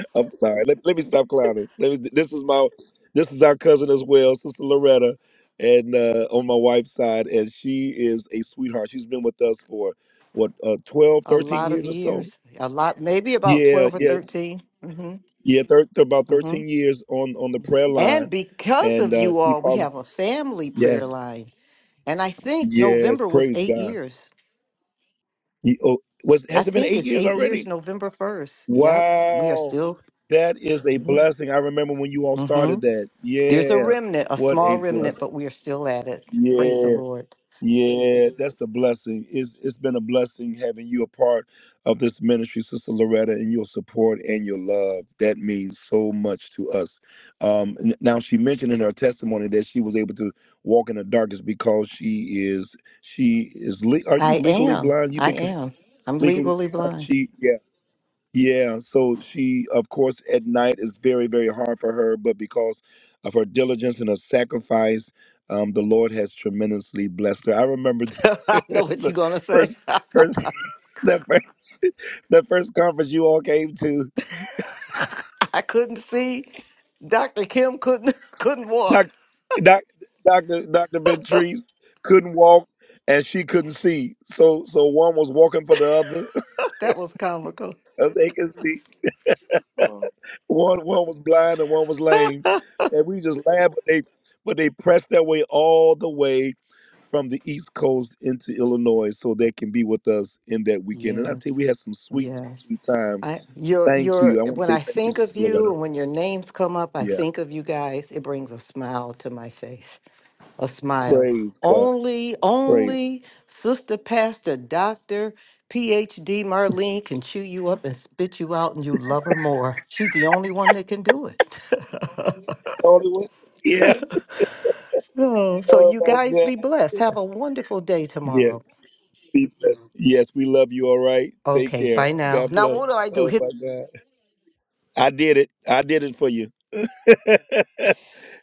B: <laughs> I'm sorry. Let, let me stop clowning. Let me, this was my, this is our cousin as well, Sister Loretta, and uh, on my wife's side, and she is a sweetheart. She's been with us for what, uh, 12,
P: a
B: thirteen
P: lot of
B: years or so.
P: years, a lot, maybe about
B: Yeah,
P: 12 or
B: yeah.
P: 13. hmm
B: Yeah, thir- about
P: hmm
B: 13 years on on the prayer line,
P: And because
B: and
P: of
B: uh,
P: you
B: she
P: all, we
B: followed.
P: have a family prayer
B: Yes,
P: line. And I think
B: yes,
P: November was
B: praise
P: eight
B: God.
P: years.
B: He, oh, was
P: I
B: has it been
P: think
B: eight
P: it's
B: years
P: eight years,
B: already?
P: November 1st. Yep. We are
B: Wow,
P: still.
B: that is a
P: hmm
B: blessing. I remember when you all
P: hmm
B: started that.
P: There's a
B: Yeah,
P: remnant, a
B: what
P: small
B: a
P: remnant,
B: blessing.
P: but we are still at it. Praise the
B: Yeah.
P: Lord.
B: Yeah, that's a blessing. It's it's been a blessing having you a part of this ministry, Sister Loretta, and your support and your love. That means so much to us. Um, n- now she mentioned in her testimony that she was able to walk in the darkness because she is she is. Le- are
P: I
B: you legally
P: am.
B: blind? You've
P: I
B: been cons-
P: am. I'm
B: legally
P: legally
B: blind.
P: blind.
B: She yeah. Yeah, so she, of course, at night is very, very hard for her, but because of her diligence and her sacrifice, um, the Lord has tremendously blessed her. I remember
P: <laughs>
B: <laughs>
P: I know what
B: the,
P: you're gonna say.
B: first, first, <laughs> the first, the first conference you all came to.
P: <laughs> I couldn't see. Dr. Kim couldn't <laughs> couldn't walk.
B: Doc, doc, Doctor, Doctor Ventrice couldn't walk, and she couldn't see. So, so one was walking for the other,
P: <laughs> that was comical.
B: <laughs> as they could see.
P: Oh.
B: One one was blind and one was lame, and we just laughed. But they but they pressed their way all the way from the East Coast into Illinois, so they can be with us in that weekend. And I tell
P: Yes.
B: you, we had some sweet, sweet,
P: Yes.
B: sweet times.
P: I your
B: Thank
P: your
B: you. I want to
P: when
B: say
P: I
B: thank you,
P: think of
B: Sister
P: you
B: Loretta.
P: and when your names come up, I
B: Yeah.
P: think of you guys. It brings a smile to my face. a smile.
B: Praise God.
P: Only,
B: Praise.
P: only Sister Pastor Dr. PhD Marlene can chew you up and spit you out, and you love her more. She's the only one that can do it.
B: Lord, it was- Yeah.
P: <laughs> so, so
B: Oh
P: you
B: my
P: guys
B: God.
P: be blessed. Have a wonderful day
B: Yeah.
P: tomorrow.
B: Be blessed. Yes, we love you. All right. Take
P: Okay,
B: care.
P: bye now.
B: God
P: Now,
B: bless.
P: what do I do?
B: Oh
P: Hit
B: my God. I did it. I did it for you. <laughs>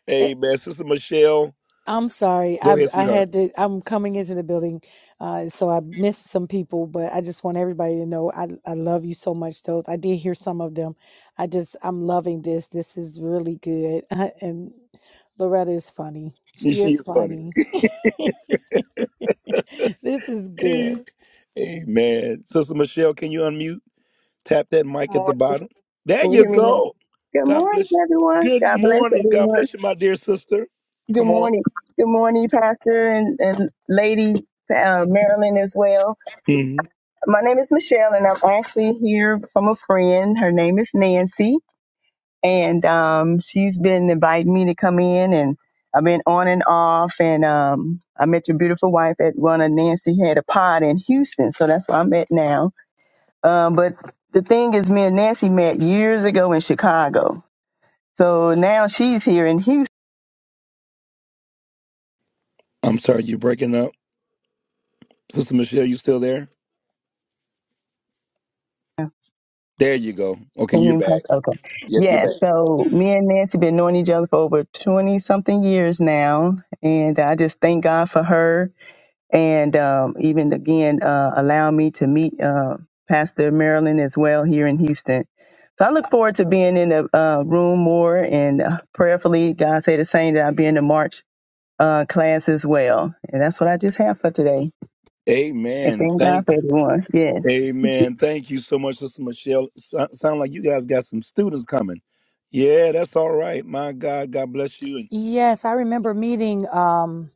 B: Amen. Sister Michelle.
A: I'm sorry.
B: Go
A: I
B: ahead,
A: I
B: sweetheart.
A: had to. I'm coming into the building, uh, so I missed some people. But I just want everybody to know I I love you so much. Those I did hear some of them. I just I'm loving this. This is really good. <laughs> and Loretta is funny.
B: She
A: She is
B: is funny.
A: funny. <laughs> this is good.
B: Amen. Sister Michelle, can you unmute? Tap that
Q: Good
B: mic at the
Q: morning.
B: bottom. There
Q: Can you
B: you
Q: hear me?
B: go.
Q: Good
B: God
Q: morning,
B: bless you.
Q: everyone.
B: Good
Q: God bless
B: morning. God
Q: everyone.
B: bless you, my dear sister.
Q: Good
B: Come on.
Q: morning. Good morning, Pastor and, and Lady uh, Marilyn as well.
B: hmm
Q: My name is Michelle, and I'm actually here from a friend. Her name is Nancy, and um, she's been inviting me to come in, and I've been on and off. And um, I met your beautiful wife at one of Nancy had a pod in Houston, so that's where I'm at now. Um, but the thing is, me and Nancy met years ago in Chicago So now she's here in Houston.
B: I'm sorry, you're breaking up. Sister Michelle, you still there? There you go. Okay, you're
Q: Union Park,
B: back.
Q: Okay.
B: Yeah, you're
Q: Yeah.
B: back.
Q: So me and Nancy been knowing each other for over twenty something years now, and I just thank God for her, and um, even again uh, allow me to meet uh, Pastor Marilyn as well here in Houston. So I look forward to being in the uh, room more, and uh, prayerfully, God say the same that I'll be in the March uh, class as well. And that's what I just have for today. And
B: Amen.
Q: thank God
B: Thank.
Q: for everyone. Yes.
B: Amen. Thank you so much, Sister Michelle. So, sound like you guys got some students coming. Yeah, that's all right. My God, God bless you. And
A: Yes, I remember meeting. Um,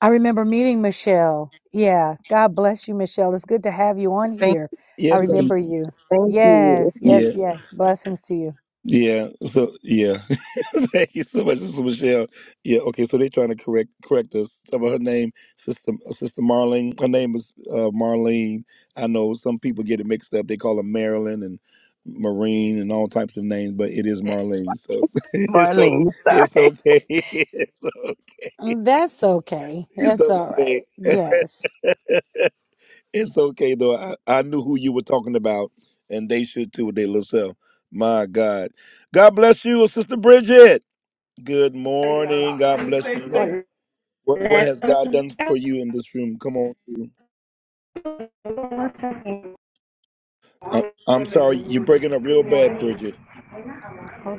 A: I remember meeting Michelle. Yeah. God bless you, Michelle. It's good to have you on
Q: Thank
A: here. I
B: yes,
Q: you.
B: Sister.
A: remember you.
Q: Thank you.
A: Yes,
Q: <laughs>
B: Yeah.
A: yes, yes. Blessings to you.
B: Yeah. So yeah. <laughs> Thank you so much, Sister Michelle. Yeah. Okay. So they're trying to correct correct us about her name, Sister Sister Marlene. Her name is uh, Marlene. I know some people get it mixed up. They call her Marilyn and Marine and all types of names, but it is Marlene. So <laughs> it's o-
Q: Marlene.
B: it's okay. <laughs> It's, o-
A: Mm, That's okay.
B: it's
A: That's all
B: okay.
A: right.
B: <laughs>
A: Yes.
B: It's okay though. I, I knew who you were talking about, and they should too with their little self. My God. God bless you, Sister Bridget. Good morning. God bless you. you have,
R: Hold
B: what, what has God done for you in this room? Come on. through.
R: on,
B: I, I'm sorry. You're breaking up real bad, Bridget.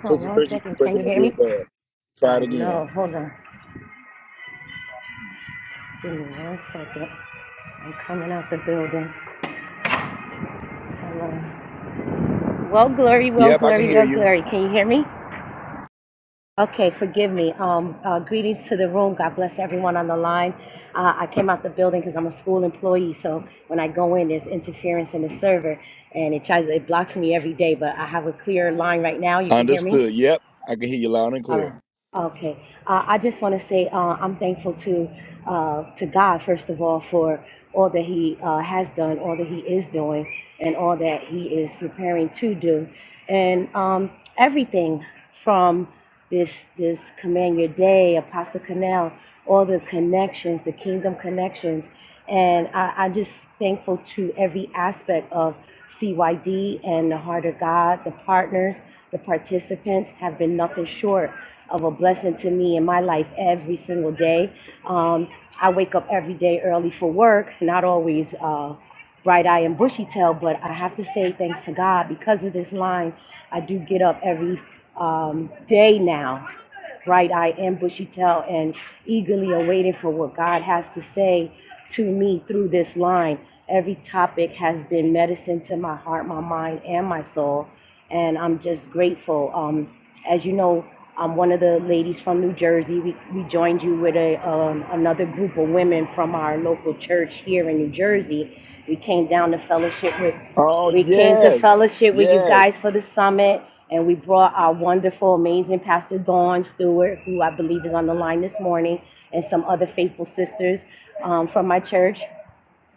B: Sister
R: one
B: Bridget,
R: second.
B: you're
R: Can you
B: breaking up
R: hear me?
B: real bad. Try
R: I
B: it again.
R: know. Hold on. Give me one second. I'm coming out the building. Hello. Well, glory, well,
B: Yep, I can
R: glory,
B: hear
R: well,
B: you.
R: glory. Can you hear me? Okay, forgive me. Um, uh, greetings to the room. God bless everyone on the line. Uh, I came out the building because I'm a school employee, so when I go in, there's interference in the server, and it tries it blocks me every day. But I have a clear line right now. You can hear me.
B: Understood. Yep, I can hear you loud and
R: All right.
B: clear.
R: Okay. Uh, I just want to say uh, I'm thankful to uh, to God first of all for all that He uh, has done, all that He is doing, and all that He is preparing to do, and um, everything from this this command your day, Apostle Canal, all the connections, the kingdom connections, and I, I'm just thankful to every aspect of CYD and the Heart of God, the partners, the participants have been nothing short of a blessing to me in my life every single day. Um, I wake up every day early for work, not always uh, bright eye and bushy tail, but I have to say thanks to God because of this line, I do get up every um, day now bright eyed and bushy tail and eagerly awaiting for what God has to say to me through this line. Every topic has been medicine to my heart, my mind, and my soul. And I'm just grateful. Um, as you know, I'm one of the ladies from New Jersey. We, we joined you with a, um, another group of women from our local church here in New Jersey. We came down to fellowship with
B: Oh,
R: we came to
B: yes.
R: fellowship with you
B: Yes.
R: guys for the summit, and we brought our wonderful, amazing Pastor Dawn Stewart, who I believe is on the line this morning, and some other faithful sisters um, from my church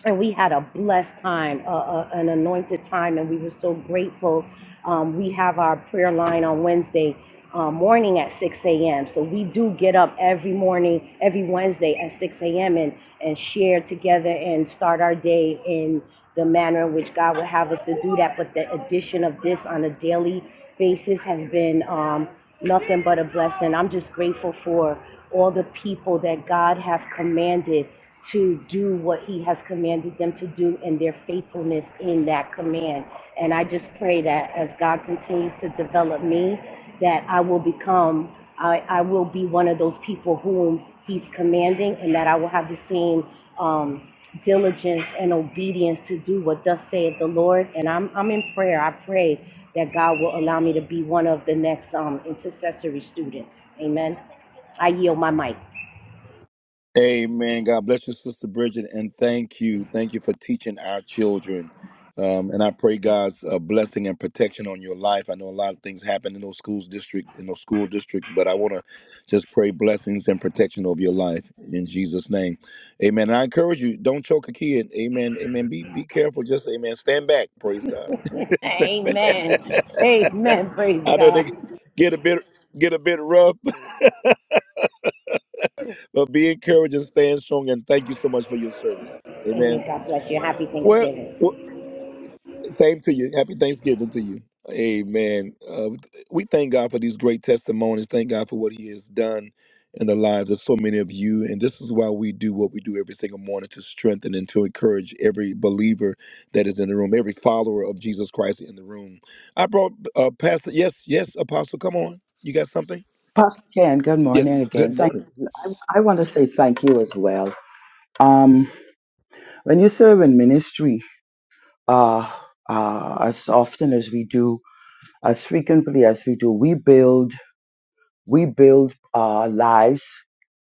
R: and we had a blessed time, uh, uh, an anointed time, and we were so grateful. Um, we have our prayer line on Wednesday uh, morning at 6 a.m. So we do get up every morning, every Wednesday at 6 a.m. and and share together and start our day in the manner in which God would have us to do that. But the addition of this on a daily basis has been um, nothing but a blessing. I'm just grateful for all the people that God have commanded to do what he has commanded them to do and their faithfulness in that command. And I just pray that as God continues to develop me, that I will become, I, I will be one of those people whom he's commanding and that I will have the same um, diligence and obedience to do what thus saith the Lord. And I'm, I'm in prayer. I pray that God will allow me to be one of the next um, intercessory students. Amen. I yield my mic.
B: Amen. God bless you, Sister Bridget, and thank you. Thank you for teaching our children. Um, and I pray God's uh, blessing and protection on your life. I know a lot of things happen in those schools district, in those school districts, but I want to just pray blessings and protection over your life in Jesus' name, Amen. And I encourage you, don't choke a kid, Amen, Amen. Be be careful, just Amen. Stand back, praise God. <laughs> Stand back.
R: Amen. Amen.
B: <laughs>
R: Praise
B: I know
R: God.
B: they get a bit get a bit rough, <laughs> but be encouraged and stand strong. And thank you so much for your service, Amen.
R: Amen. God bless you. Happy
B: Well,
R: Thanksgiving.
B: well, same to you. Happy Thanksgiving to you. Amen. Uh, we thank God for these great testimonies. Thank God for what He has done in the lives of so many of you. And this is why we do what we do every single morning to strengthen and to encourage every believer that is in the room, every follower of Jesus Christ in the room. I brought uh, Pastor. Yes, yes, Apostle. Come on. You got something?
J: Pastor Ken, good
B: Yes.
J: morning
B: Good
J: again. Thank
B: morning.
J: I, I want to say thank you as well. Um, when you serve in ministry, uh, uh, as often as we do, as frequently as we do, we build, we build uh, lives.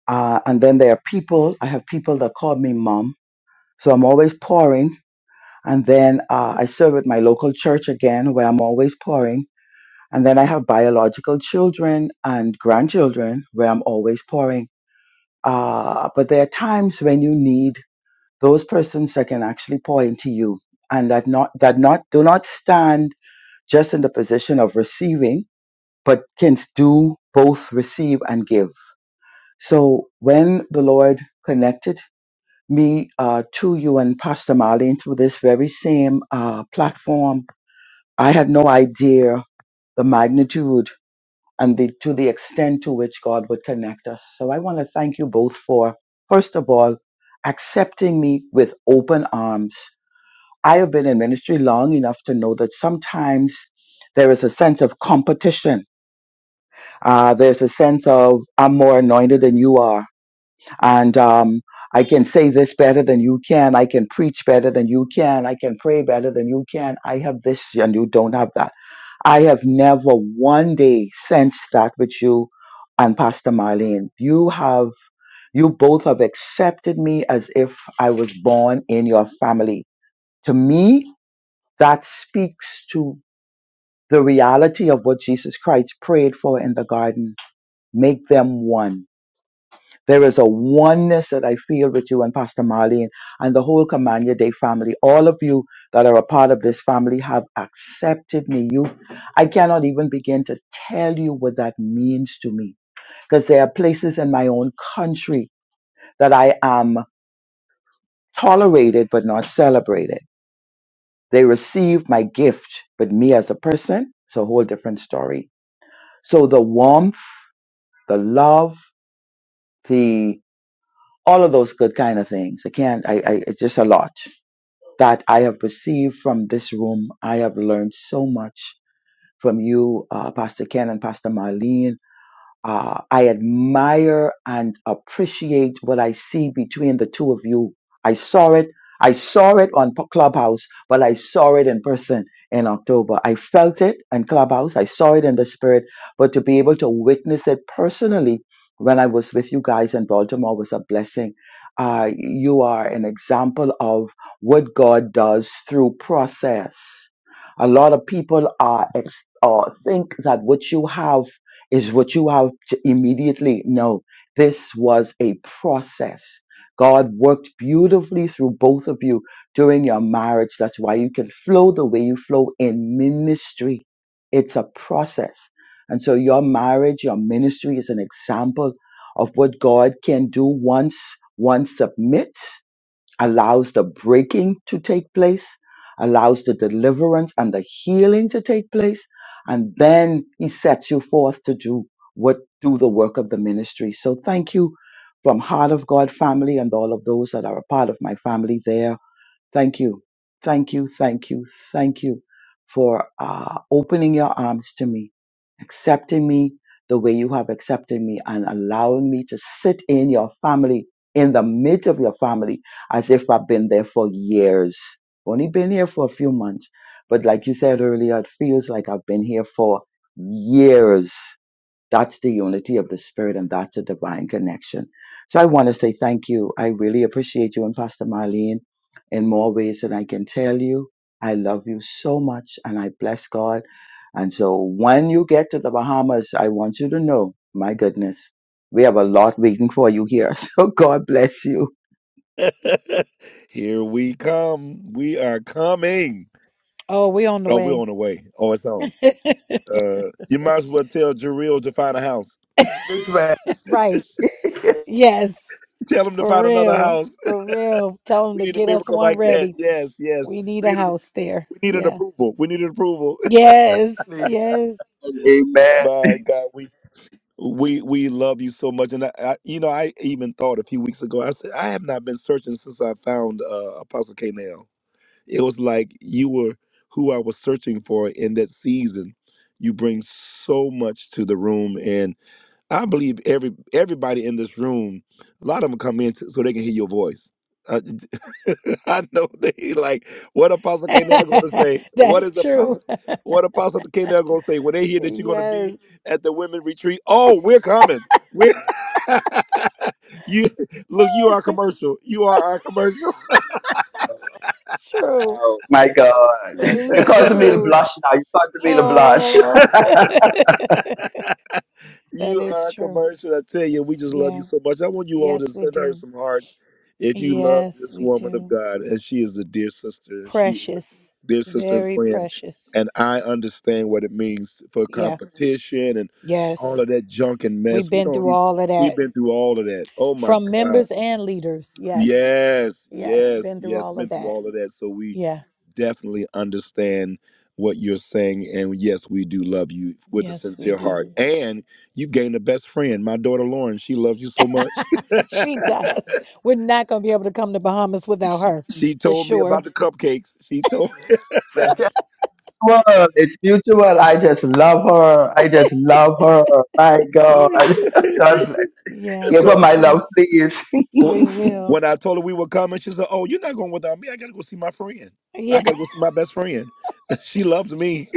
J: Uh, and then there are people. I have people that call me mom, so I'm always pouring. And then uh, I serve at my local church again, where I'm always pouring. And then I have biological children and grandchildren, where I'm always pouring. Uh, but there are times when you need those persons that can actually pour into you, and that not that not do not stand just in the position of receiving, but can do both receive and give. So when the Lord connected me uh, to you and Pastor Marlene through this very same uh, platform I had no idea the magnitude and the to the extent to which God would connect us. So I want to thank you both for first of all accepting me with open arms. I have been in ministry long enough to know that sometimes there is a sense of competition. Uh, there's a sense of I'm more anointed than you are, and um, I can say this better than you can. I can preach better than you can. I can pray better than you can. I have this and you don't have that I have never one day sensed that with you and Pastor Marlene. You have, you both have accepted me as if I was born in your family. To me, that speaks to the reality of what Jesus Christ prayed for in the garden. Make them one. There is a oneness that I feel with you and Pastor Marlene and the whole Command Your Day family. All of you that are a part of this family have accepted me. You, I cannot even begin to tell you what that means to me because there are places in my own country that I am tolerated but not celebrated. They receive my gift, but me as a person, it's a whole different story. So the warmth, the love, the all of those good kind of things. I can't. I. I it's just a lot. that I have received from this room. I have learned so much from you, uh, Pastor Ken and Pastor Marlene. Uh, I admire and appreciate what I see between the two of you. I saw it. I saw it on P- Clubhouse, but I saw it in person in October. I felt it in Clubhouse. I saw it in the spirit, but to be able to witness it personally when I was with you guys in Baltimore was a blessing. Uh, you are an example of what God does through process. A lot of people are ex- or think that what you have is what you have to immediately know. This was a process. God worked beautifully through both of you during your marriage. That's why you can flow the way you flow in ministry. It's a process. And so your marriage, your ministry is an example of what God can do once one submits allows the breaking to take place, allows the deliverance and the healing to take place, and then he sets you forth to do what do the work of the ministry. So thank you from Heart of God family and all of those that are a part of my family there Thank you. Thank you. Thank you. Thank you for uh, opening your arms to me, accepting me the way you have accepted me, and allowing me to sit in your family, in the midst of your family, as if I've been there for years. Only been here for a few months, but like you said earlier, it feels like I've been here for years. That's the unity of the Spirit, and that's a divine connection. So I want to say thank you. I really appreciate you and Pastor Marlene in more ways than I can tell you. I love you so much, and I bless God. And so when you get to the Bahamas, I want you to know, my goodness, we have a lot waiting for you here. <laughs> So God bless you.
B: <laughs> Here we come. We are coming.
A: Oh, we on the
B: Oh, we're
A: way.
B: on the way. Oh, it's on.
A: <laughs>
B: Uh, you might as well tell Jareel to find a house.
J: This way.
A: right.
J: <laughs>
A: Yes.
B: <laughs> Tell him to
A: For
B: find another
A: real.
B: house.
A: For real. Tell them
B: We
A: to
B: need a
A: get us
B: miracle
A: one
B: like that.
A: ready.
B: Yes, yes.
A: We need
B: We
A: a
B: needed
A: house there.
B: we needed
A: Yeah.
B: approval. We needed approval.
A: Yes.
J: Amen.
A: Yes.
B: <laughs> My God, we we we love you so much. And I, I you know, I even thought a few weeks ago. I said I have not been searching since I found uh, Apostle K. Now it was like you were who I was searching for in that season. You bring so much to the room, and. I believe every everybody in this room, a lot of them come in so they can hear your voice. Uh, <laughs> I know they like what Apostle K. Nell going to say.
A: <laughs>
B: What
A: That's
B: is
A: true.
B: Apostle? What Apostle K. Nell going to say when they hear that you're going to
A: Yes.
B: be at the women retreat? Oh, we're coming. We're <laughs> you look. You are commercial. You are our commercial.
A: True.
J: Oh my God.
A: That
J: <laughs> You're
A: is
J: causing me to
A: true.
J: blush now. You are causing.
A: Oh, <laughs> that
B: You
A: is
B: are a
A: true.
B: commercial. I tell you, we just love you
A: Yeah.
B: so much. I want you all to
A: Yes, we
B: send her
A: do.
B: some hearts if you love
A: Yes,
B: this
A: we
B: woman of
A: do.
B: God. And she is a dear sister. She is
A: Precious.
B: a dear sister and
A: Very
B: friend.
A: precious.
B: And I understand what it means for
A: Yeah.
B: competition and all
A: Yes.
B: of that junk and
A: We've
B: mess. We
A: been
B: don't
A: through
B: even,
A: all of that
B: we've been through all of that. Oh my
A: from
B: God.
A: members and leaders. Yes.
B: Yes,
A: Yes.
B: yes,
A: Been through
B: yes.
A: all of
B: Been through
A: that.
B: all of that. So we
A: Yeah.
B: definitely understand what you're saying. And yes, we do love you with a
A: Yes, we
B: sincere heart.
A: do.
B: And you've gained a best friend. My daughter Lauren, she loves you so much. <laughs>
A: <laughs> she does. We're not going to be able to come to Bahamas without her
B: She
A: for
B: told me about
A: sure.
B: the cupcakes. She told
J: <laughs> mutual. It's mutual. I just love her. I just love her. My God. <laughs> God
B: <laughs>
J: bless.
A: Yeah.
J: Give her
B: so
J: my love,
A: True.
J: please.
B: wh-
A: We will.
B: when I told her we were coming, she said, "Oh, you're not going without me. I gotta go see my friend. I
A: Yeah.
B: gotta go see my best friend. <laughs> she loves me."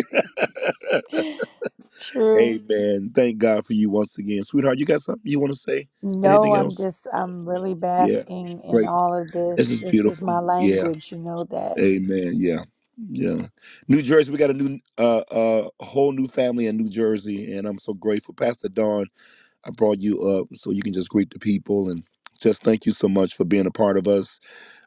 A: <laughs>
B: <laughs>
A: True.
B: Amen. Thank God for you once again, sweetheart. You got something you want to say?
A: No,
B: Anything
A: I'm
B: else?
A: just, I'm really
B: Yeah.
A: basking in
B: Great.
A: all of
B: This
A: this.
B: is
A: This is
B: beautiful.
A: my
B: Yeah.
A: language, you know that.
B: Amen. Yeah. Yeah. New Jersey, we got a new uh uh whole new family in New Jersey and I'm so grateful. Pastor Don, I brought you up so you can just greet the people and just thank you so much for being a part of us.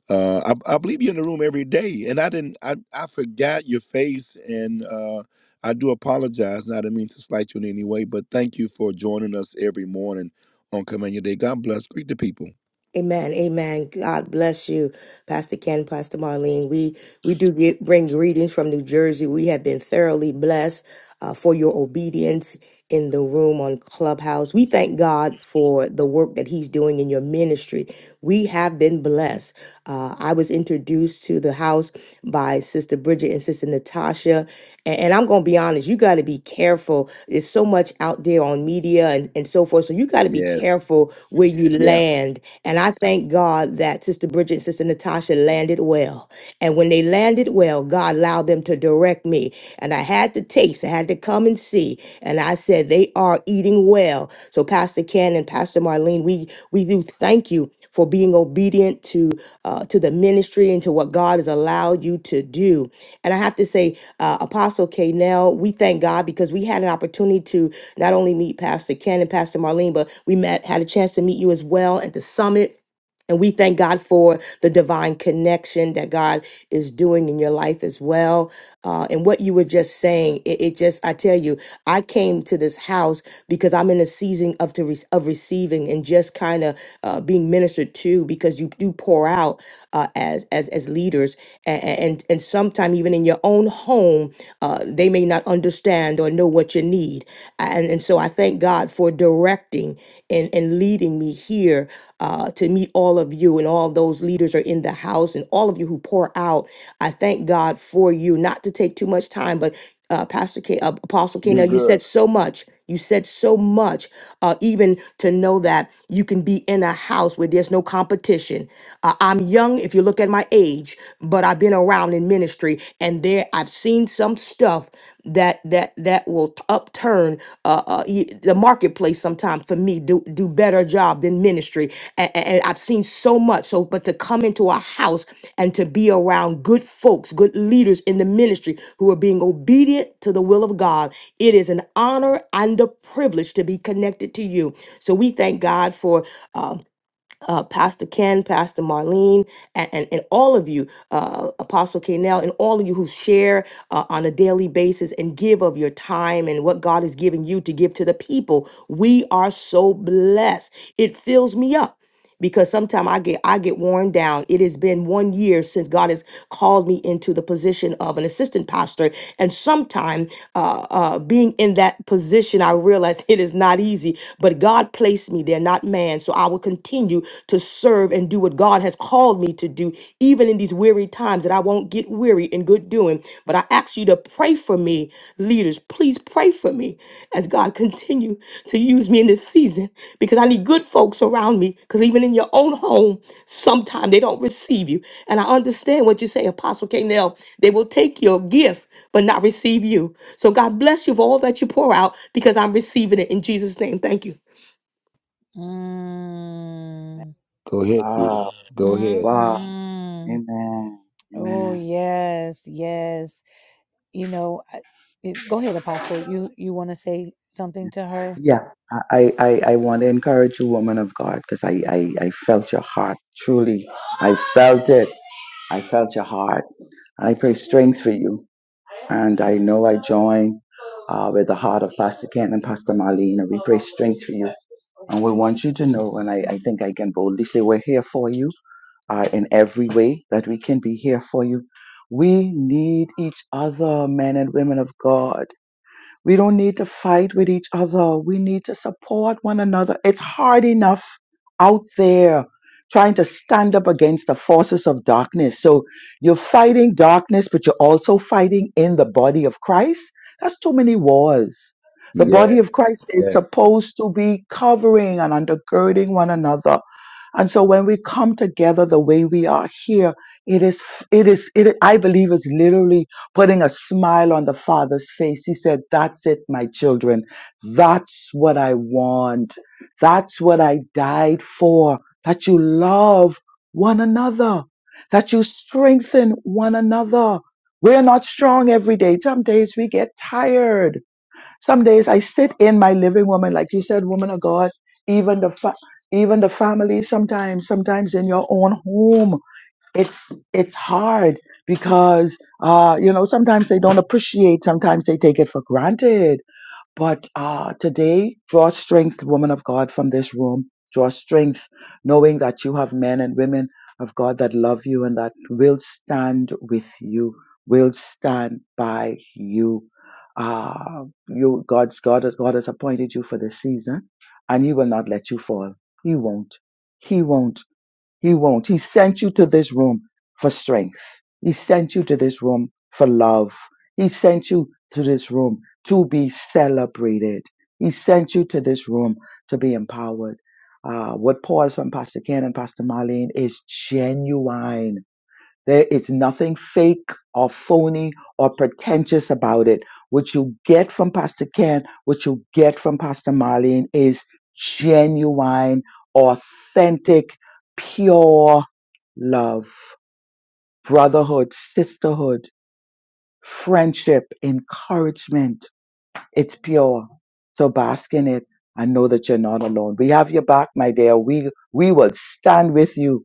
B: Uh I, I believe you're in the room every day and I didn't I, I forgot your face and uh I do apologize and I didn't mean to slight you in any way, but thank you for joining us every morning on Command Your Day. God bless. Greet the people.
S: Amen. Amen. God bless you, Pastor Ken, Pastor Marlene. We we do get, bring greetings from New Jersey. We have been thoroughly blessed uh, for your obedience in the room on Clubhouse. We thank God for the work that He's doing in your ministry. We have been blessed. Uh, I was introduced to the house by Sister Bridget and Sister Natasha, and, and I'm going to be honest. You got to be careful. There's so much out there on media and, and so forth. So you got to be
B: Yes.
S: careful where you
B: Yeah.
S: land. And I thank God that Sister Bridget and Sister Natasha landed well. And when they landed well, God allowed them to direct me. And I had to taste, I had to come and see. And I said, they are eating well. So Pastor Ken and Pastor Marlene, we we do thank you for being obedient to uh, to the ministry and to what God has allowed you to do. And I have to say, uh, Apostle K. we thank God because we had an opportunity to not only meet Pastor Ken and Pastor Marlene, but we met had a chance to meet you as well at the summit and we thank God for the divine connection that God is doing in your life as well. Uh, and what you were just saying, it, it just, I tell you, I came to this house because I'm in a season of, to re- of receiving and just kind of uh, being ministered to because you do pour out uh, as, as, as leaders. And, and, and sometimes even in your own home, uh, they may not understand or know what you need. And, and so I thank God for directing guiding and, and leading me here uh, to meet all of you and all those leaders are in the house and all of you who pour out. I thank God for you. Not to take too much time, but uh, Pastor K, uh, Apostle Kano,
B: You're
S: you
B: good.
S: said so much. You said so much, uh, even to know that you can be in a house where there's no competition. Uh, I'm young, if you look at my age, but I've been around in ministry and there I've seen some stuff that that that will t- upturn uh, uh, y- the marketplace. Sometimes for me, do do better job than ministry, and, and I've seen so much. So, but to come into a house and to be around good folks, good leaders in the ministry who are being obedient to the will of God, it is an honor and a privilege to be connected to you. So we thank God for. um, uh, Pastor Ken, Pastor Marlene, and, and, and all of you, uh, Apostle Kanell, and all of you who share uh, on a daily basis and give of your time and what God is giving you to give to the people. We are so blessed. It fills me up because sometimes I get I get worn down. It has been one year since God has called me into the position of an assistant pastor, and sometime uh, uh, being in that position, I realize <laughs> it is not easy. But God placed me there, not not man. So I will continue to serve and do what God has called me to do, even in these weary times that I won't get weary in good doing. But I ask you to pray for me, leaders. Please pray for me as God continue to use me in this season because I need good folks around me. Because even in your own home, sometimes they don't receive you. And I understand what you say, Apostle Canel. They will take your gift but not receive you. So God bless you for all that you pour out because I'm receiving it in Jesus' name. Thank you.
A: Mm,
B: Go ahead, sweetie.
J: Wow.
B: Go ahead.
J: Wow.
A: hmm
J: Amen.
A: Oh,
J: Amen.
A: yes, yes. You know, I, it- go ahead, Apostle. You you want to say something to her?
J: Yeah. I, I, I I want to encourage you, woman of God, because I, I, I felt your heart. Truly. I felt it. I felt your heart. I pray strength for you. And I know I join uh, with the heart of Pastor Ken and Pastor Marlene. And we pray strength for you And we want you to know, and I, I think I can boldly say, we're here for you uh, in every way that we can be here for you. We need each other, men and women of God. We don't need to fight with each other. We need to support one another. It's hard enough out there trying to stand up against the forces of darkness. So you're fighting darkness, but you're also fighting in the body of Christ. That's too many wars. The body of Christ
B: Yes,
J: is
B: yes,
J: supposed to be covering and undergirding one another and so when we come together the way we are here, it is, it is, it, I believe is literally putting a smile on the father's face. He said, that's it, my children. That's what I want. That's what I died for. That you love one another. That you strengthen one another. We're not strong every day. Some days we get tired. Some days I sit in my living woman, like you said, woman of God, even the fa- even the family. Sometimes, sometimes in your own home, it's it's hard because uh, you know sometimes they don't appreciate. Sometimes they take it for granted. But uh, today, draw strength, woman of God, from this room. Draw strength, knowing that you have men and women of God that love you and that will stand with you, will stand by you. Uh, you God's God, has- God has appointed you for this season, and He will not let you fall. He won't. He won't. He won't. He sent you to this room for strength. He sent you to this room for love. He sent you to this room to be celebrated. He sent you to this room to be empowered. Uh, what pours from Pastor Ken and Pastor Marlene is genuine there is nothing fake or phony or pretentious about it. What you get from Pastor Ken, what you get from Pastor Marlene is genuine, authentic, pure love, brotherhood, sisterhood, friendship, encouragement it's pure. So bask in it and know that you're not alone. We have your back, my dear. We we will stand with you.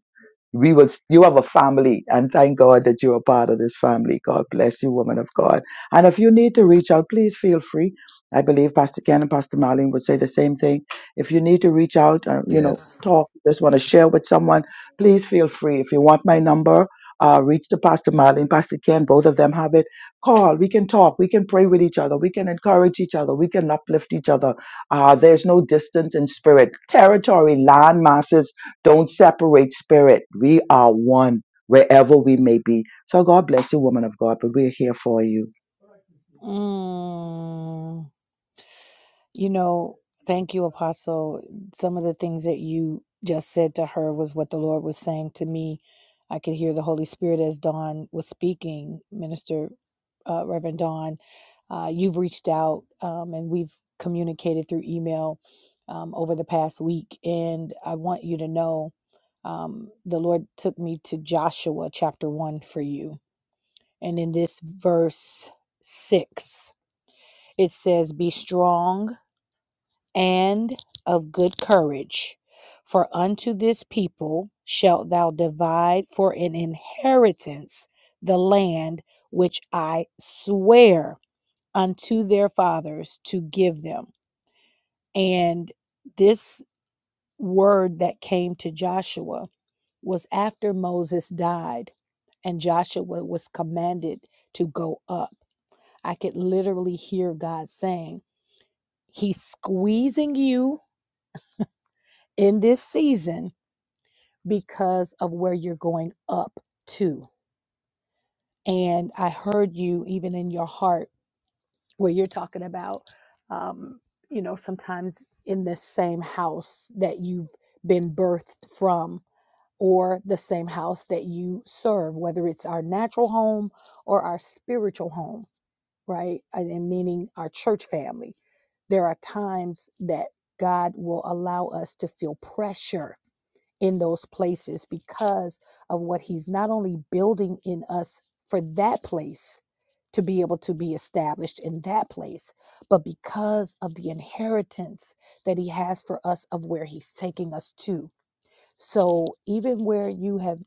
J: We will you have a family and thank God that you are part of this family. God bless you, woman of God. And if you need to reach out, please feel free. I believe Pastor Ken and Pastor Marlene would say the same thing. If you need to reach out, uh, you know,
B: yes.
J: talk, just want to share with someone, please feel free. If you want my number, uh, reach to Pastor Marlene, Pastor Ken, both of them have it call we can talk we can pray with each other we can encourage each other we can uplift each other uh, there's no distance in spirit territory land masses don't separate spirit we are one wherever we may be so god bless you woman of god but we're here for you
A: Mm. You know, thank you, Apostle. Some of the things that you just said to her was what the Lord was saying to me. I could hear the Holy Spirit as Dawn was speaking, Minister uh, Reverend Dawn. Uh, you've reached out um, and we've communicated through email um, over the past week. And I want you to know um, the Lord took me to Joshua chapter 1 for you. And in this verse 6, it says, Be strong and of good courage. For unto this people shalt thou divide for an inheritance the land which I swear unto their fathers to give them. And this word that came to Joshua was after Moses died, and Joshua was commanded to go up. I could literally hear God saying, He's squeezing you in this season because of where you're going up to. And I heard you even in your heart where you're talking about, um, you know, sometimes in the same house that you've been birthed from or the same house that you serve, whether it's our natural home or our spiritual home, right? And and meaning our church family. There are times that God will allow us to feel pressure in those places because of what he's not only building in us for that place to be able to be established in that place, but because of the inheritance that he has for us of where he's taking us to. So even where you have,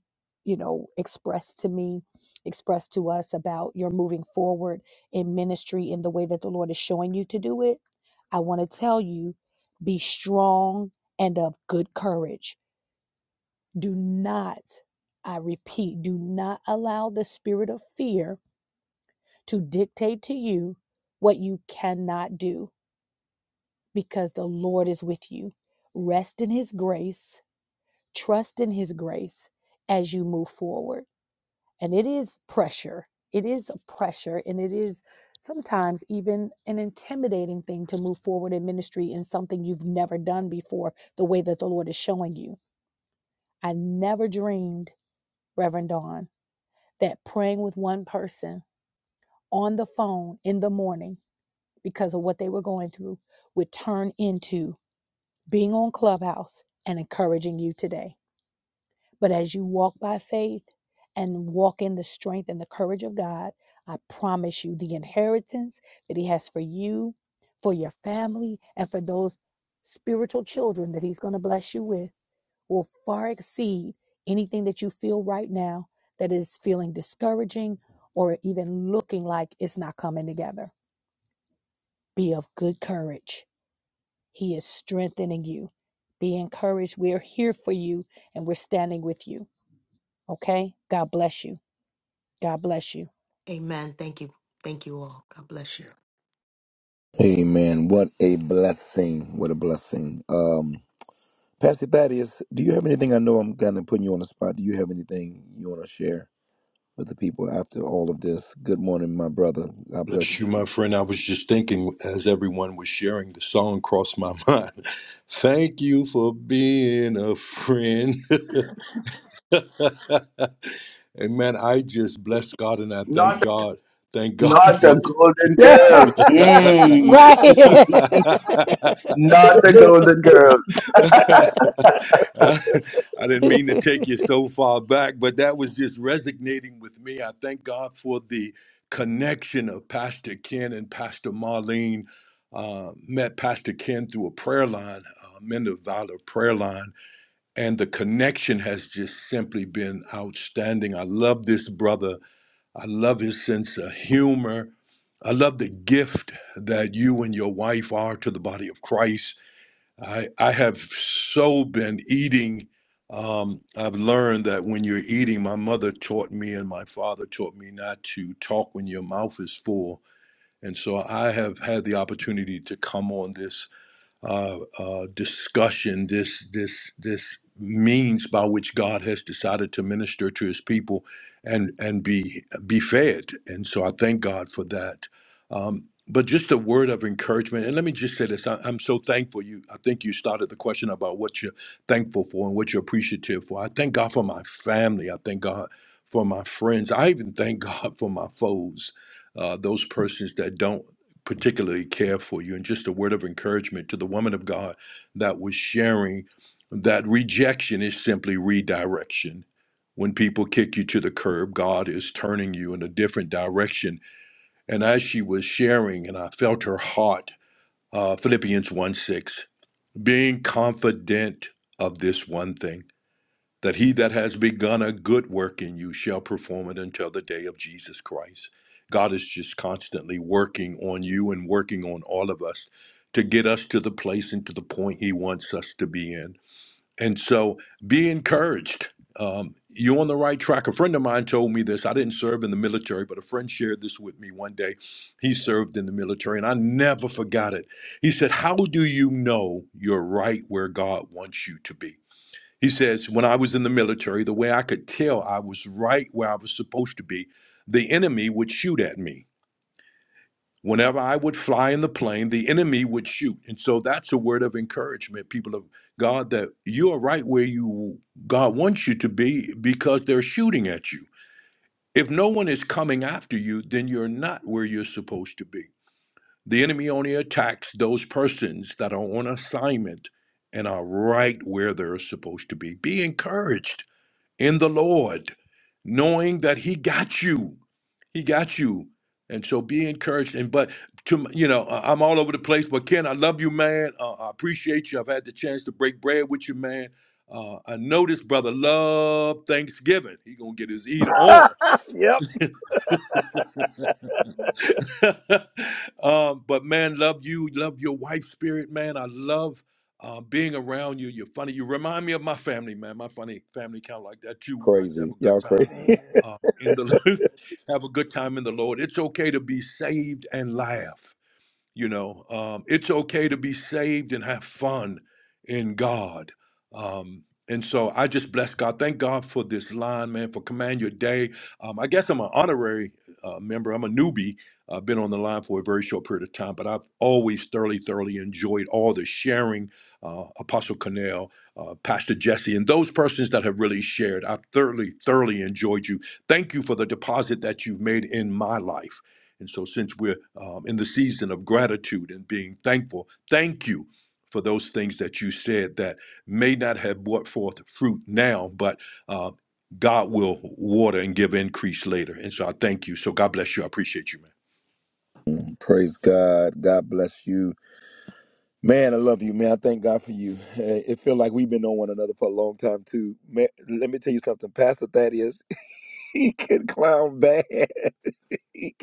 A: you know, expressed to me, expressed to us about your moving forward in ministry in the way that the Lord is showing you to do it, I want to tell you be strong and of good courage do not, I repeat, do not allow the spirit of fear to dictate to you what you cannot do because the Lord is with you. Rest in his grace, trust in his grace as you move forward. And it is pressure. It is a pressure and it is sometimes even an intimidating thing to move forward in ministry in something you've never done before, the way that the Lord is showing you. I never dreamed, Reverend Dawn. that praying with one person on the phone in the morning because of what they were going through would turn into being on Clubhouse and encouraging you today. But as you walk by faith and walk in the strength and the courage of God, I promise you the inheritance that He has for you, for your family, and for those spiritual children that He's going to bless you with will far exceed anything that you feel right now that is feeling discouraging or even looking like it's not coming together. Be of good courage. He is strengthening you. Be encouraged. We're here for you and we're standing with you. Okay? God bless you. God bless you.
B: Amen. What a blessing. What a blessing. Um, Pastor Thaddeus, do you have anything? I know I'm kind of putting you on the spot. Do you have anything you want to share with the people after all of this? Good morning, my brother. God bless
T: Bless you, my
B: you.
T: friend. I was just thinking as everyone was sharing, the song crossed my mind. <laughs> Thank you for being a friend. <laughs> Amen. I just bless God and I thank
J: Not,
T: God. Thank God
J: not the
T: for
J: golden
B: <laughs> Yeah.
J: girls. Mm.
A: Right.
T: <laughs>
A: <laughs>
J: <laughs> not the golden girls.
T: I, I didn't mean to take you so far back, but that was just resonating with me. I thank God for the connection of Pastor Ken and Pastor Marlene. Uh, met Pastor Ken through a prayer line, uh, Men of Valor prayer line, and the connection has just simply been outstanding. I love this brother. I love his sense of humor. I love the gift that you and your wife are to the body of Christ I I have so been eating. Um, I've learned that when you're eating, my mother taught me and my father taught me not to talk when your mouth is full. And so I have had the opportunity to come on this uh, uh, discussion, this this this means by which God has decided to minister to His people, and and be be fed. And so I thank God for that. Um, but just a word of encouragement, and let me just say this: I, I'm so thankful. You, I think you started the question about what you're thankful for and what you're appreciative for. I thank God for my family. I thank God for my friends. I even thank <laughs> God for my foes, uh, those persons that don't particularly care for you. And just a word of encouragement to the woman of God that was sharing that rejection is simply redirection. When people kick you to the curb, God is turning you in a different direction. And as she was sharing, and I felt her heart, uh, Philippians 1 6, being confident of this one thing that he that has begun a good work in you shall perform it until the day of Jesus Christ. God is just constantly working on you and working on all of us to get us to the place and to the point he wants us to be in. And so be encouraged. Um, you're on the right track. A friend of mine told me this. I didn't serve in the military, but a friend shared this with me one day. He served in the military, and I never forgot it. He said, How do you know you're right where God wants you to be? He says, When I was in the military, the way I could tell I was right where I was supposed to be, the enemy would shoot at me. Whenever I would fly in the plane, the enemy would shoot. And so that's a word of encouragement, people of God, that you are right where you God wants you to be because they're shooting at you. If no one is coming after you, then you're not where you're supposed to be. The enemy only attacks those persons that are on assignment and are right where they're supposed to be. Be encouraged in the Lord, knowing that He got you. He got you. And so be encouraged. And but to you know, I- I'm all over the place. But Ken, I love you, man. Uh, I appreciate you. I've had the chance to break bread with you, man. Uh, I know this brother love Thanksgiving. He gonna get his eat on.
B: yep.
T: <laughs> um, but man, love you, love your wife spirit, man. I love uh, being around you. You're funny. You remind me of my family, man. My funny family kind of like that too. We Like to have
B: Crazy.
T: a good
B: Y'all
T: time
B: crazy.
T: um, in the <laughs> have a good time in the Lord. It's okay to be saved and laugh. You know, um, it's okay to be saved and have fun in God. Um, and so I just bless God. Thank God for this line, man, for Command Your Day. Um, I guess I'm an honorary uh, member, I'm a newbie. I've been on the line for a very short period of time, but I've always thoroughly, thoroughly enjoyed all the sharing, uh, Apostle Cornell, uh, Pastor Jesse, and those persons that have really shared. I've thoroughly, thoroughly enjoyed you. Thank you for the deposit that you've made in my life. And so, since we're um, in the season of gratitude and being thankful, thank you for those things that you said that may not have brought forth fruit now, but uh, God will water and give increase later. And so, I thank you. So, God bless you. I appreciate you, man.
B: <laughs> Praise God. God bless you. Man, I love you, man. I thank God for you. Uh, It feel like we've been on one another for a long time too. Man, let me tell you something. Pastor Thaddeus, <laughs> he can clown bad. he,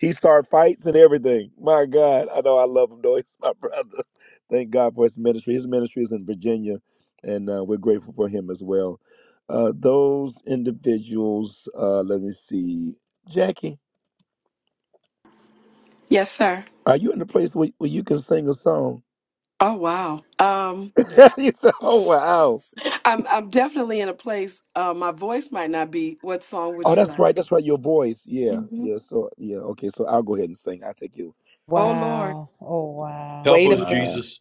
B: he start fights and everything. My God, I know I love him though. <laughs> He's my brother. <laughs> Thank God for his ministry. His ministry is in Virginia, and uh, we're grateful for him as well. Uh, those individuals. Uh, let me see, Jackie.
E: Yes, sir.
B: Are you in the place where, where you can sing a song?
E: Oh wow. Um
B: <laughs> you said, "Oh wow."
E: I'm I'm definitely in a place uh my voice might not be what song would
B: Oh,
E: you
B: that's right.
E: like?
B: That's right. Your voice. Yeah.
E: hmm
B: Yeah. So yeah. Okay. So I'll go ahead and sing. I take you. I,
E: Oh
B: s-
E: Lord.
A: wow. Oh, wow.
T: Help us,
B: wow.
T: Jesus.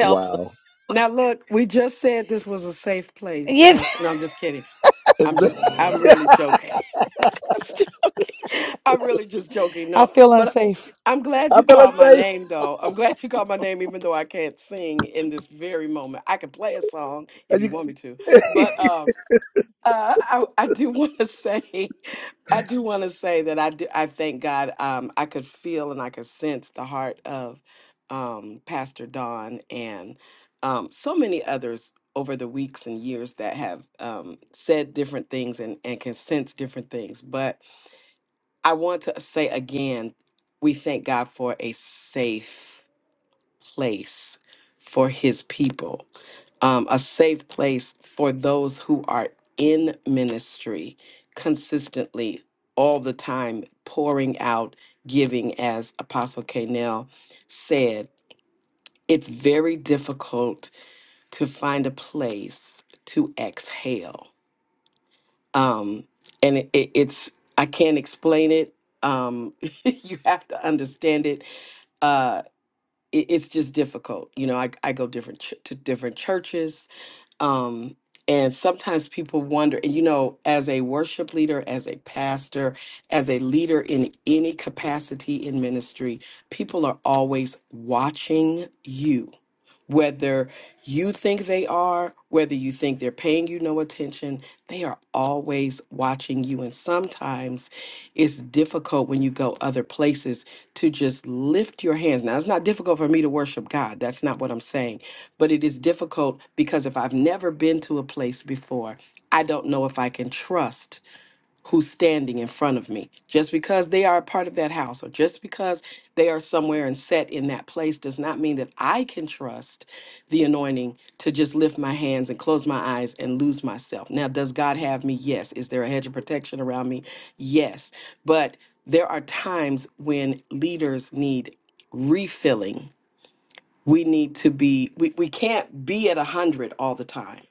B: Wow.
E: Now look, we just said this was a safe place, Pastor. No,
A: Yes.
E: I'm just kidding.
B: It's
E: I'm
B: the,
E: just I'm really joking. <laughs> just joking. I'm really just joking.
A: <laughs> I
E: No,
A: feel
E: but
A: unsafe.
E: I'm
B: <laughs>
E: glad
B: I
E: you
B: feel like
E: called my
B: saying,
E: name, though. I'm <laughs> glad you called my name, even though I can't sing in this very moment. I can play a song if
B: and
E: you want
B: you.
E: me to,
B: <laughs>
E: but um, uh, I, I do want to <laughs> say, I do want to say that I do. I thank God. Um, I could feel and I could sense the heart of um, Pastor Don and um, so many others over the weeks and years that have um, said different things and, and can sense different things, but I want to say again, we thank God for a safe place for his people, um, a safe place for those who are in ministry consistently all the time, pouring out, giving, as Apostle Canel said. It's very difficult to find a place to exhale um, and it, it, it's I can't explain it. Um, <laughs> you have to understand it. Uh, it. It's just difficult. You know, I I go different ch- to different churches um, and sometimes people wonder, and you know, as a worship leader, as a pastor, as a leader in any capacity in ministry, people are always watching you, whether you think they are, whether you think they're paying you no attention, they are always watching you. And sometimes it's difficult when you go other places to just lift your hands. Now, it's not difficult for me to worship God. That's not what I'm saying but it is difficult because if I've never been to a place before, I don't know if I can trust who's standing in front of me. Just because they are a part of that house or just because they are somewhere and set in that place does not mean that I can trust the anointing to just lift my hands and close my eyes and lose myself. Now, does God have me? Yes. Is there a hedge of protection around me? Yes. But there are times when leaders need refilling we need to be we, we can't be at 100 all the time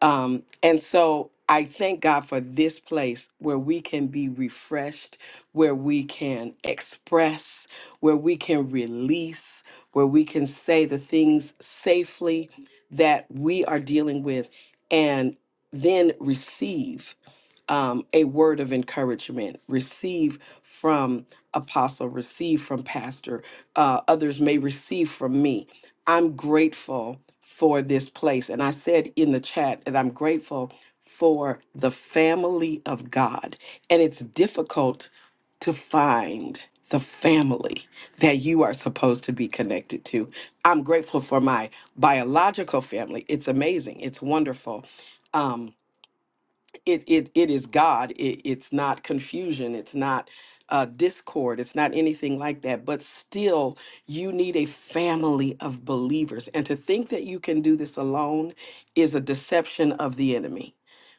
E: um and so i thank god for this place where we can be refreshed where we can express where we can release where we can say the things safely that we are dealing with and then receive um, a word of encouragement, receive from apostle, receive from pastor, uh, others may receive from me. I'm grateful for this place. And I said in the chat that I'm grateful for the family of God. And it's difficult to find the family that you are supposed to be connected to. I'm grateful for my biological family. It's amazing, it's wonderful. Um, it it it is God. It, it's not confusion. It's not uh, discord. It's not anything like that. But still, you need a family of believers. And to think that you can do this alone is a deception of the enemy.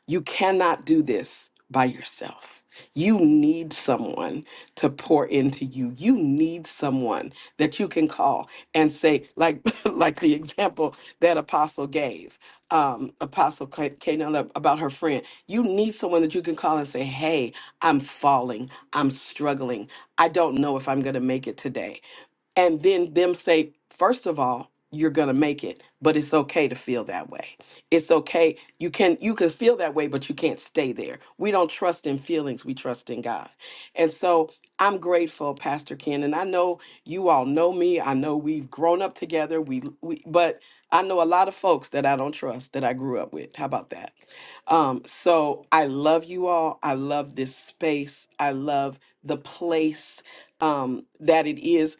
E: You cannot do this by yourself. You need someone to pour into you. You need someone that you can call and say, like <laughs> like the example that Apostle gave, um, Apostle Kanella about her friend you need someone that you can call and say, Hey, I'm falling. I'm struggling. I don't know if I'm going to make it today and then them say first of all you're going to make it but it's okay to feel that way it's okay you can you can feel that way but you can't stay there we don't trust in feelings we trust in god and so i'm grateful pastor ken and i know you all know me i know we've grown up together we, we but i know a lot of folks that i don't trust that i grew up with how about that um so i love you all i love this space i love the place um that it is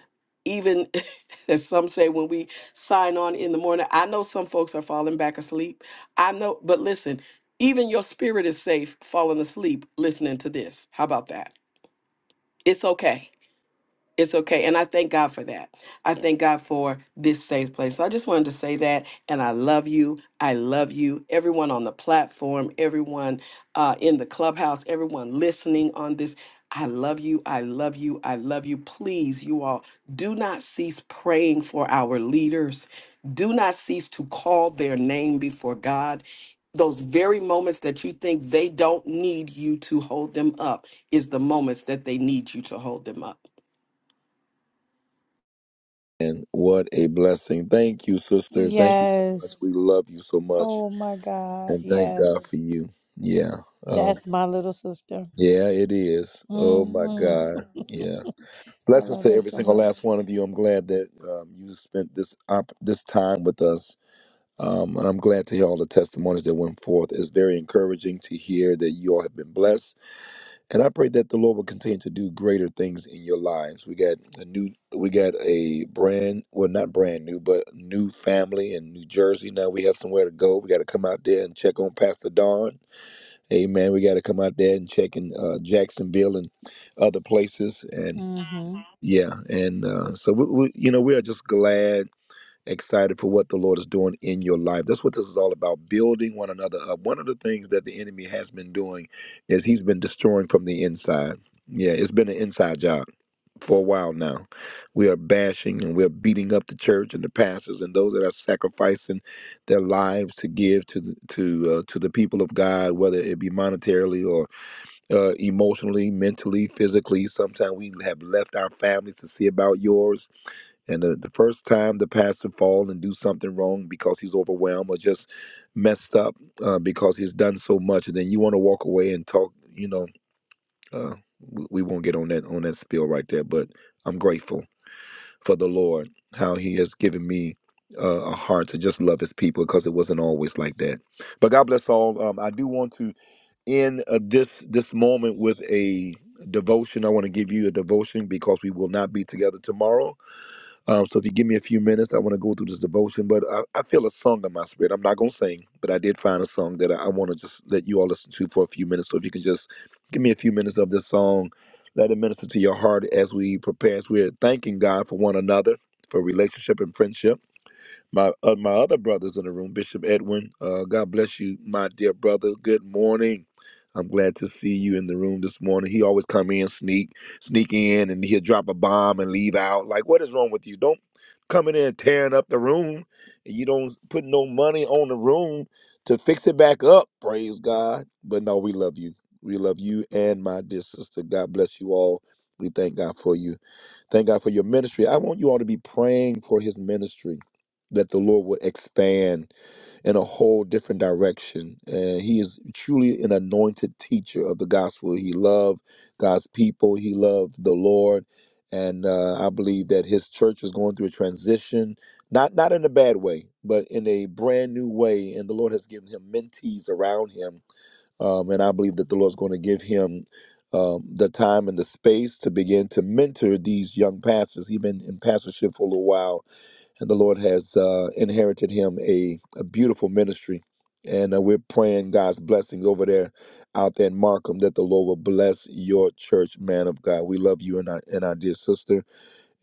E: even <laughs> as some say when we sign on in the morning i know some folks are falling back asleep i know but listen even your spirit is safe falling asleep listening to this how about that it's okay it's okay. And I thank God for that. I thank God for this safe place. So I just wanted to say that. And I love you. I love you. Everyone on the platform, everyone uh, in the clubhouse, everyone listening on this. I love you. I love you. I love you. Please, you all, do not cease praying for our leaders. Do not cease to call their name before God. Those very moments that you think they don't need you to hold them up is the moments that they need you to hold them up.
B: And what a blessing. Thank you, sister. Thank you so much.
A: Yes.
B: We love you so much.
A: Oh, my God.
B: And thank God
A: Yes.
B: for you. Yeah. Oh,
A: That's my little sister.
B: yeah, it is. Oh, my
A: hmm
B: God. Yeah.
A: I
B: Blessings
A: love
B: to
A: her
B: every
A: so
B: single last
A: much.
B: one of you. I'm glad that um, you spent this op- this time with us. Um, and I'm glad to hear all the testimonies that went forth. It's very encouraging to hear that you all have been blessed and I pray that the Lord will continue to do greater things in your lives. We got a new, we got a brand, well, not brand new, but new family in New Jersey. Now we have somewhere to go. We got to come out there and check on Pastor Don. Amen. We got to come out there and check in uh, Jacksonville and other places. And
A: hmm
B: yeah, and uh, so we, we, you know, we are just glad excited for what the Lord is doing in your life. That's what this is all about building one another up. One of the things that the enemy has been doing is he's been destroying from the inside. Yeah, it's been an inside job for a while now. We are bashing and we're beating up the church and the pastors and those that are sacrificing their lives to give to the, to uh, to the people of God, whether it be monetarily or uh, emotionally, mentally, physically. Sometimes we have left our families to see about yours and the, the first time the pastor fall and do something wrong because he's overwhelmed or just messed up uh, because he's done so much, and then you want to walk away and talk. You know, uh, we, we won't get on that on that spiel right there. But I'm grateful for the Lord how He has given me uh, a heart to just love His people because it wasn't always like that. But God bless all. Um, I do want to end uh, this this moment with a devotion. I want to give you a devotion because we will not be together tomorrow um, so if you give me a few minutes, I want to go through this devotion. But I, I feel a song in my spirit. I'm not going to sing, but I did find a song that I, I want to just let you all listen to for a few minutes. So if you can just give me a few minutes of this song, let it minister to your heart as we prepare, as we're thanking God for one another, for relationship and friendship my uh, my other brothers in the room, Bishop Edwin. Uh, God bless you, my dear brother. Good morning. I'm glad to see you in the room this morning. He always come in, sneak, sneak in, and he'll drop a bomb and leave out. Like, what is wrong with you? Don't come in there and tearing up the room, and you don't put no money on the room to fix it back up. Praise God. But no, we love you. We love you and my dear sister. God bless you all. We thank God for you. Thank God for your ministry. I want you all to be praying for his ministry that the Lord would expand in a whole different direction. And he is truly an anointed teacher of the gospel. He loved God's people, he loved the Lord. And uh, I believe that his church is going through a transition, not not in a bad way, but in a brand new way. And the Lord has given him mentees around him um, and I believe that the Lord's going to give him um, the time and the space to begin to mentor these young pastors. He's been in pastorship for a little while, and the Lord has uh, inherited him a, a beautiful ministry. And uh, we're praying God's blessings over there, out there in Markham, that the Lord will bless your church, man of God. We love you and our, and our dear sister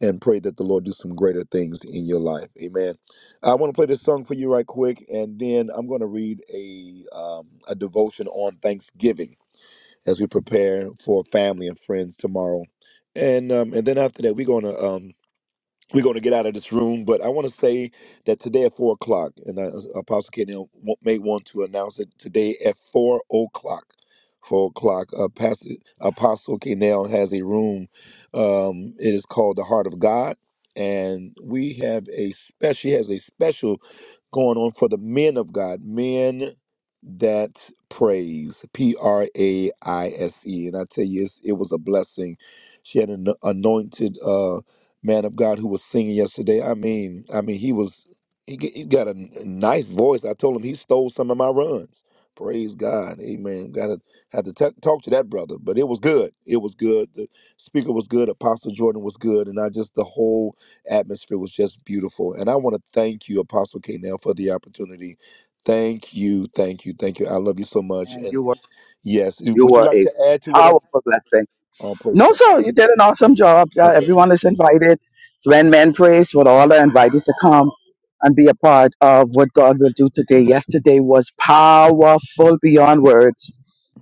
B: and pray that the Lord do some greater things in your life. Amen. I want to play this song for you right quick, and then I'm going to read a um, a devotion on Thanksgiving as we prepare for family and friends tomorrow, and um, and then after that we're going to um, we're going to get out of this room, but I want to say that today at four o'clock, and I, Apostle Kenny wa- may want to announce it today at four o'clock. Four o'clock, uh, Pastor, Apostle Kenel has a room. Um, it is called the Heart of God, and we have a special. She has a special going on for the men of God, men that praise, P R A I S E. And I tell you, it's, it was a blessing. She had an anointed. Uh, man of God who was singing yesterday. I mean, I mean, he was he, g- he got a, n- a nice voice. I told him he stole some of my runs. Praise God, Amen. Got to had to t- talk to that brother, but it was good. It was good. The speaker was good. Apostle Jordan was good, and I just the whole atmosphere was just beautiful. And I want to thank you, Apostle K. Now for the opportunity. Thank you, thank you, thank you. I love you so much. And yes,
J: You
B: would you
J: were
B: like
J: a
B: to add to what I'm?
J: powerful blessing.
B: Oh, praise
J: No,
B: God.
J: sir, you did an awesome job. Uh,
B: Okay.
J: everyone is invited. So when men praise, we're all are invited to come and be a part of what God will do today. Yesterday was powerful beyond words,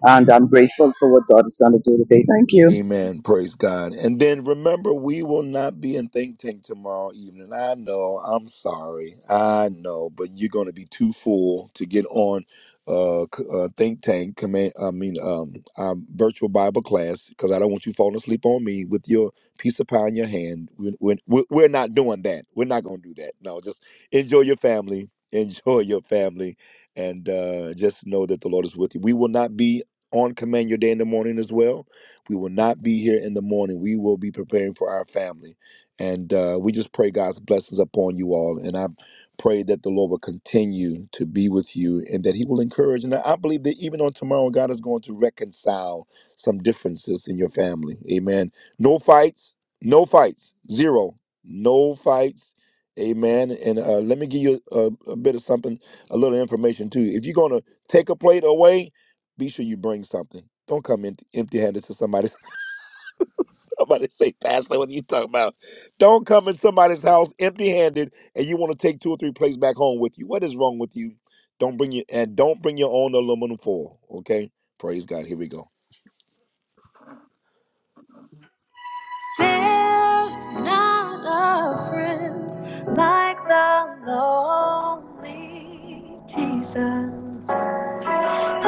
J: and I'm grateful for what God is going to do today. Thank you.
B: Amen. Praise God. And then remember, we will not be in Think Tank tomorrow evening. I know. I'm sorry. I know, but you're going to be too full to get on uh, c- uh Think Tank. Command. I mean, um, um, virtual Bible class because I don't want you falling asleep on me with your piece of pie in your hand. We- we- We're, we're not doing that. We're not going to do that. No, just enjoy your family. <laughs> Enjoy your family, and uh, just know that the Lord is with you. We will not be on Command Your Day in the morning as well we will not be here in the morning. We will be preparing for our family. And uh, we just pray God's blessings upon you all. And I pray that the Lord will continue to be with you and that He will encourage. And I believe that even on tomorrow, God is going to reconcile some differences in your family. Amen. No fights, no fights, zero, no fights. Amen. And uh, let me give you a, a bit of something, a little information too. If you're going to take a plate away, be sure you bring something. Don't come empty handed to somebody. Somebody say, Pastor, what are you talking about? Don't come in somebody's house empty handed and you want to take two or three plates back home with you. What is wrong with you? Don't bring your and don't bring your own aluminum foil. Okay? Praise God. Here we go. Like the lonely Jesus. No,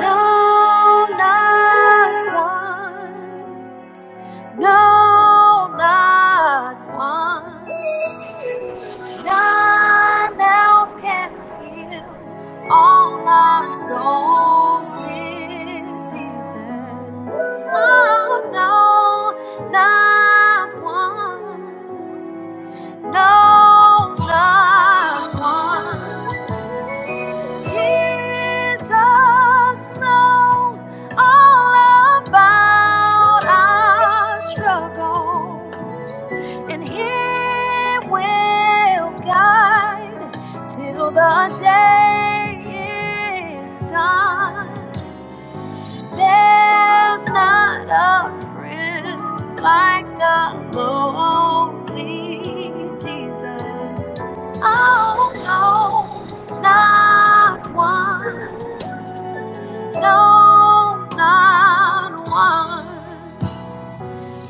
B: not one. No, not one. None else can heal all our souls' diseases. Oh, no, not one. No, not one. Jesus knows all about our struggles, and He will guide till the day is done. There's not a friend like the lonely Jesus. Oh, no, not one. No, not one.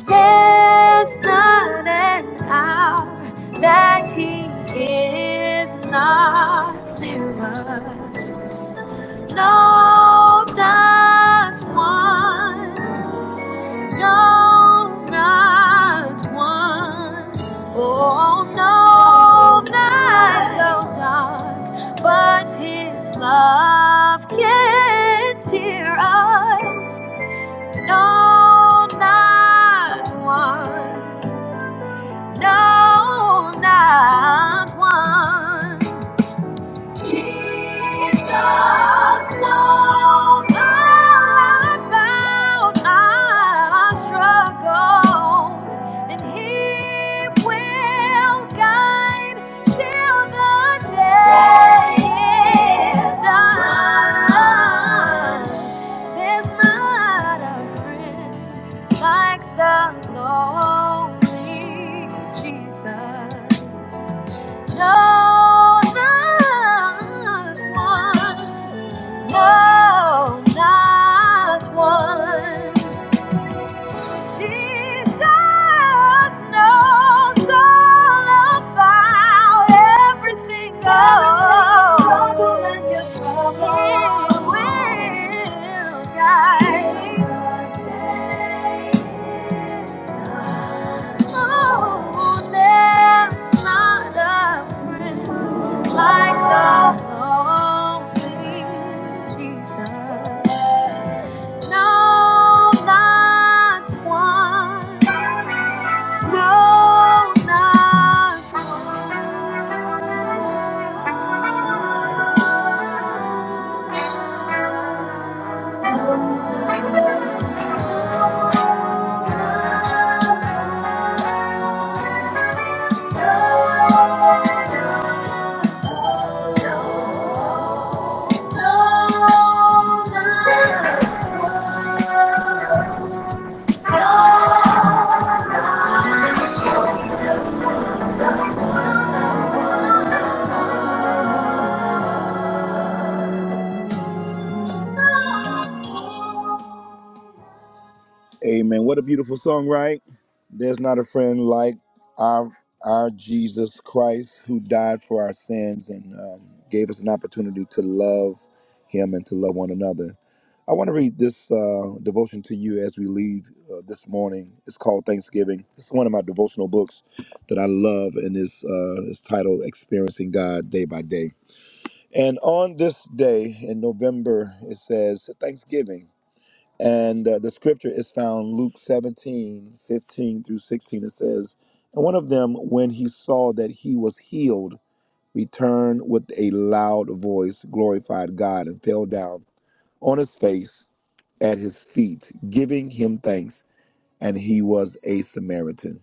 B: There's not an hour that he is not near us. No, not one. don't not one. Oh no, not so dark, but His love can cheer us. No, not one. No, not one. Jesus knows all about our struggles, and He will guide till the day is done. There's not a friend like the lonely Jesus. No, not one. No, not one. Jesus knows all about every single struggle and your trouble. He will guide Till the day is done. Oh, there's not a friend like the lonely Jesus. No, not one. No, not one. Amen. What a beautiful song, right? There's not a friend like our our Jesus Christ who died for our sins and um, gave us an opportunity to love him and to love one another. I want to read this uh, devotion to you as we leave uh, this morning. It's called Thanksgiving. It's one of my devotional books that I love, and it's, uh, it's titled Experiencing God Day by Day. And on this day in November, it says Thanksgiving. And uh, the scripture is found Luke 17 15 through 16. It says, And one of them, when he saw that he was healed, returned with a loud voice, glorified God, and fell down on his face at his feet, giving him thanks, and he was a Samaritan.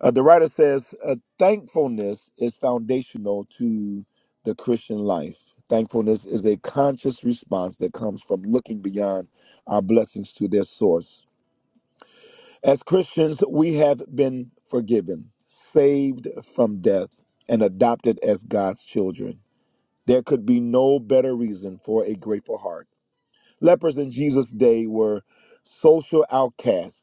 B: Uh, the writer says, uh, thankfulness is foundational to the Christian life. Thankfulness is a conscious response that comes from looking beyond our blessings to their source. As Christians, we have been forgiven, saved from death, and adopted as God's children. There could be no better reason for a grateful heart. Lepers in Jesus' day were social outcasts.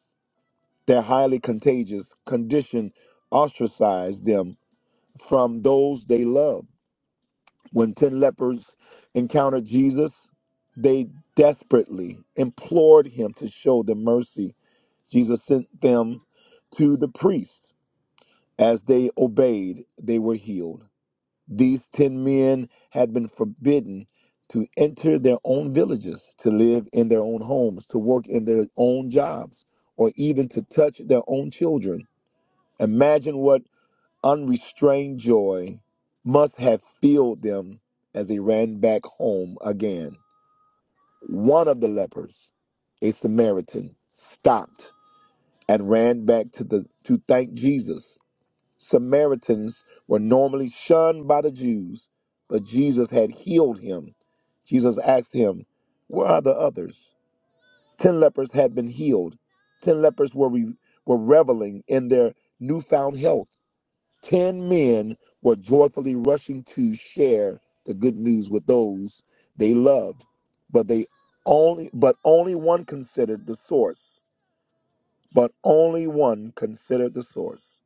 B: Their highly contagious condition ostracized them from those they loved. When 10 lepers encountered Jesus, they desperately implored him to show them mercy. Jesus sent them to the priests. As they obeyed, they were healed. These 10 men had been forbidden to enter their own villages, to live in their own homes, to work in their own jobs, or even to touch their own children. Imagine what unrestrained joy must have filled them as they ran back home again. One of the lepers, a Samaritan, stopped and ran back to the to thank Jesus. Samaritans were normally shunned by the Jews, but Jesus had healed him. Jesus asked him, "Where are the others?" Ten lepers had been healed. Ten lepers were re- were reveling in their newfound health. Ten men were joyfully rushing to share the good news with those they loved, but they only but only one considered the source. But only one considered the source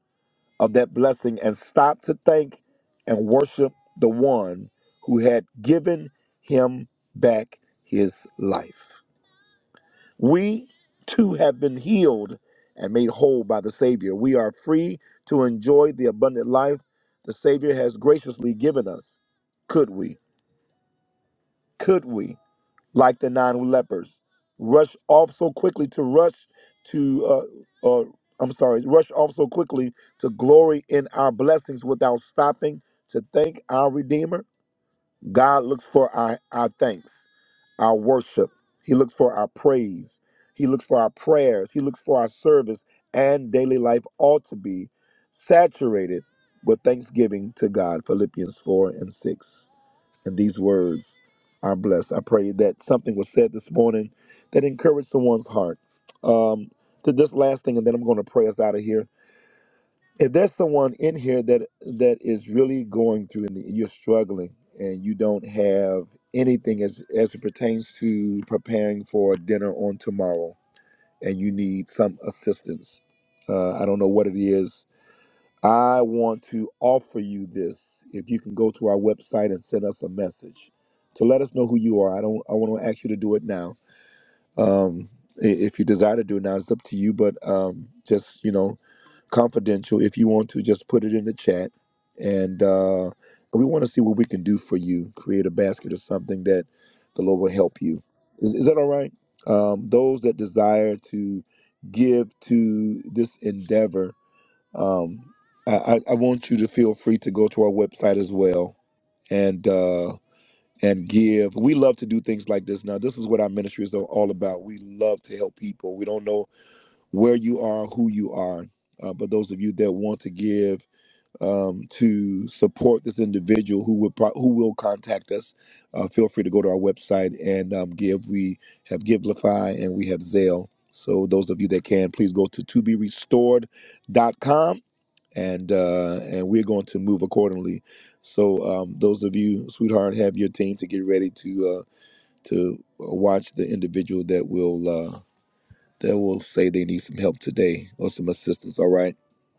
B: of that blessing and stopped to thank and worship the one who had given him back his life. We too have been healed and made whole by the Savior. We are free to enjoy the abundant life the Savior has graciously given us. Could we, could we, like the nine lepers, rush off so quickly to rush to, uh, uh, I'm sorry, rush off so quickly to glory in our blessings without stopping to thank our Redeemer? God looks for our, our thanks, our worship. He looks for our praise. He looks for our prayers. He looks for our service. And daily life ought to be saturated with thanksgiving to God. Philippians 4 and 6. And these words are blessed. I pray that something was said this morning that encouraged someone's heart. Um, to this last thing, and then I'm going to pray us out of here if there's someone in here that that is really going through and you're struggling and you don't have anything as as it pertains to preparing for dinner on tomorrow and you need some assistance uh, i don't know what it is i want to offer you this if you can go to our website and send us a message to let us know who you are i don't i want to ask you to do it now um i- if you desire to do it now it's up to you but um just you know confidential. If you want to, just put it in the chat, and uh, we want to see what we can do for you. Create a basket or something that the Lord will help you. Is, is that all right? Um, those that desire to give to this endeavor, um, I, I I want you to feel free to go to our website as well and uh, and give. We love to do things like this. Now, this is what our ministry is all about. We love to help people. We don't know where you are, who you are. Uh, but those of you that want to give um, to support this individual who will pro- who will contact us, uh, feel free to go to our website and um, give. We have Givelify and we have Zelle. So those of you that can, please go to toberestored.com and uh, and we're going to move accordingly. So um, those of you, sweetheart, have your team to get ready to uh, to uh, watch the individual that will. uh, they will say they need some help today or some assistance. All right.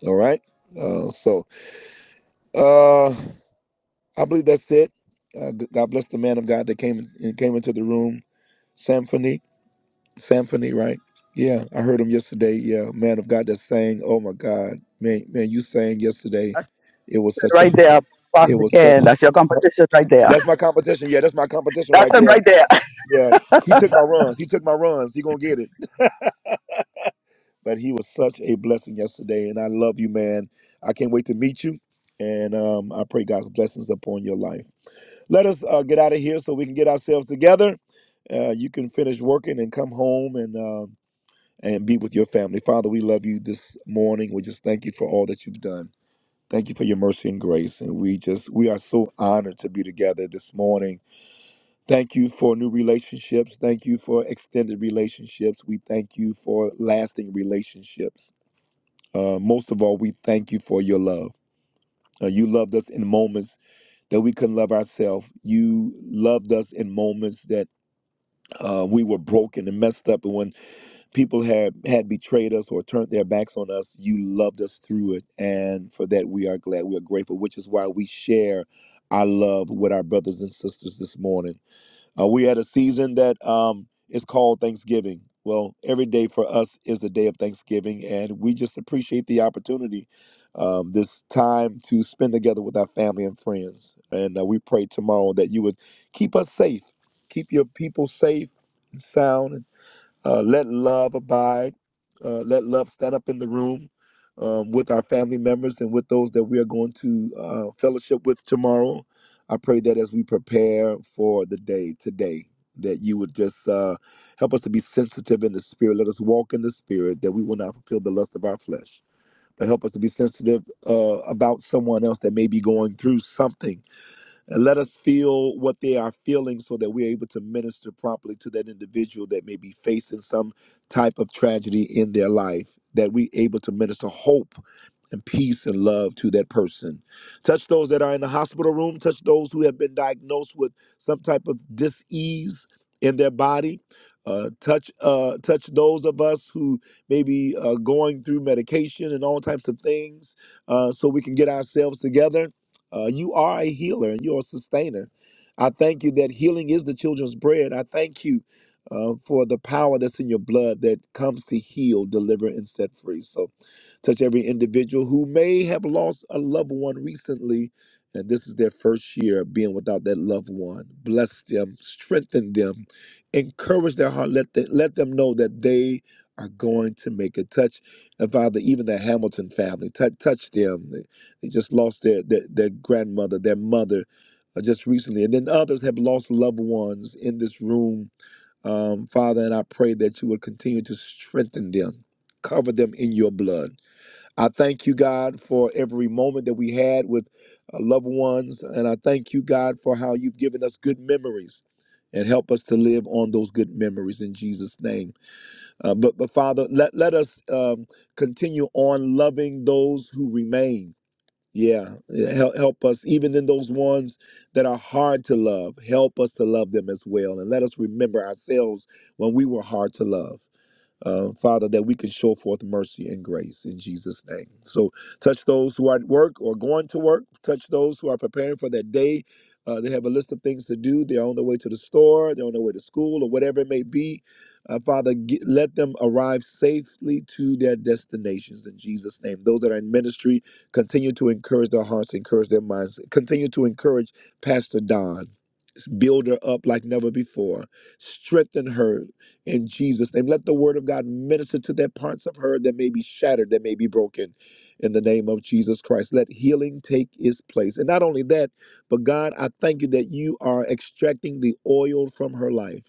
B: All right. Uh, so uh, I believe that's it. Uh, God bless the man of God that came and came into the room. Symphony, symphony, right? Yeah, I heard him yesterday. Yeah, man of God that sang. Oh my God, man, man, you sang yesterday.
J: That's
B: It was
J: it
B: such a,
J: right there,
B: it
J: Pastor
B: was
J: Ken.
B: such.
J: That's your
B: huh?
J: competition right there.
B: That's my competition. Yeah, that's my
J: <laughs>
B: competition right
J: That's him
B: there.
J: right there.
B: Yeah, he took my runs. He took my runs. He gonna get it. but he was such a blessing yesterday. And I love you, man. I can't wait to meet you. And um, I pray God's blessings upon your life. Let us uh, get out of here so we can get ourselves together. Uh, you can finish working and come home and um and be with your family. Father, we love you this morning. We just thank you for all that you've done. Thank you for your mercy and grace. And we just we are so honored to be together this morning. Thank you for new relationships. Thank you for extended relationships. We thank you for lasting relationships. Uh, most of all, we thank you for your love. Uh, you loved us in moments that we couldn't love ourselves. You loved us in moments that uh, we were broken and messed up. And when people had, had betrayed us or turned their backs on us, you loved us through it. And for that, we are glad. We are grateful, which is why we share our love with our brothers and sisters this morning. Uh, we had a season that um, is called Thanksgiving. Well, every day for us is the day of Thanksgiving, and we just appreciate the opportunity, um, this time to spend together with our family and friends. And uh, we pray tomorrow that you would keep us safe, keep your people safe and sound uh, let love abide. Uh, let love stand up in the room um, with our family members and with those that we are going to uh, fellowship with tomorrow. I pray that as we prepare for the day today, that you would just uh, help us to be sensitive in the spirit. Let us walk in the spirit that we will not fulfill the lust of our flesh. But help us to be sensitive uh, about someone else that may be going through something and let us feel what they are feeling so that we're able to minister properly to that individual that may be facing some type of tragedy in their life that we able to minister hope and peace and love to that person touch those that are in the hospital room touch those who have been diagnosed with some type of dis-ease in their body uh, touch uh, touch those of us who may be uh, going through medication and all types of things uh, so we can get ourselves together uh, you are a healer and you're a sustainer. I thank you that healing is the children's bread. I thank you uh, for the power that's in your blood that comes to heal, deliver, and set free. So, touch every individual who may have lost a loved one recently, and this is their first year of being without that loved one. Bless them, strengthen them, encourage their heart. Let them, let them know that they are going to make it. touch. And Father, even the Hamilton family, touch, touch them. They just lost their their, their grandmother, their mother, uh, just recently, and then others have lost loved ones in this room. Um, Father, and I pray that you will continue to strengthen them, cover them in your blood. I thank you, God, for every moment that we had with uh, loved ones, and I thank you, God, for how you've given us good memories. And help us to live on those good memories in Jesus' name. Uh, but, but Father, let, let us um, continue on loving those who remain yeah, help help us even in those ones that are hard to love. Help us to love them as well, and let us remember ourselves when we were hard to love uh, Father, that we can show forth mercy and grace in Jesus' name. So touch those who are at work or going to work, touch those who are preparing for their day. Uh, they have a list of things to do. They're on their way to the store, they're on their way to school, or whatever it may be. Uh, Father, get, let them arrive safely to their destinations in Jesus' name. Those that are in ministry, continue to encourage their hearts, encourage their minds, continue to encourage Pastor Don. Build her up like never before. Strengthen her in Jesus' name. Let the word of God minister to that parts of her that may be shattered, that may be broken in the name of Jesus Christ. Let healing take its place. And not only that, but God, I thank you that you are extracting the oil from her life.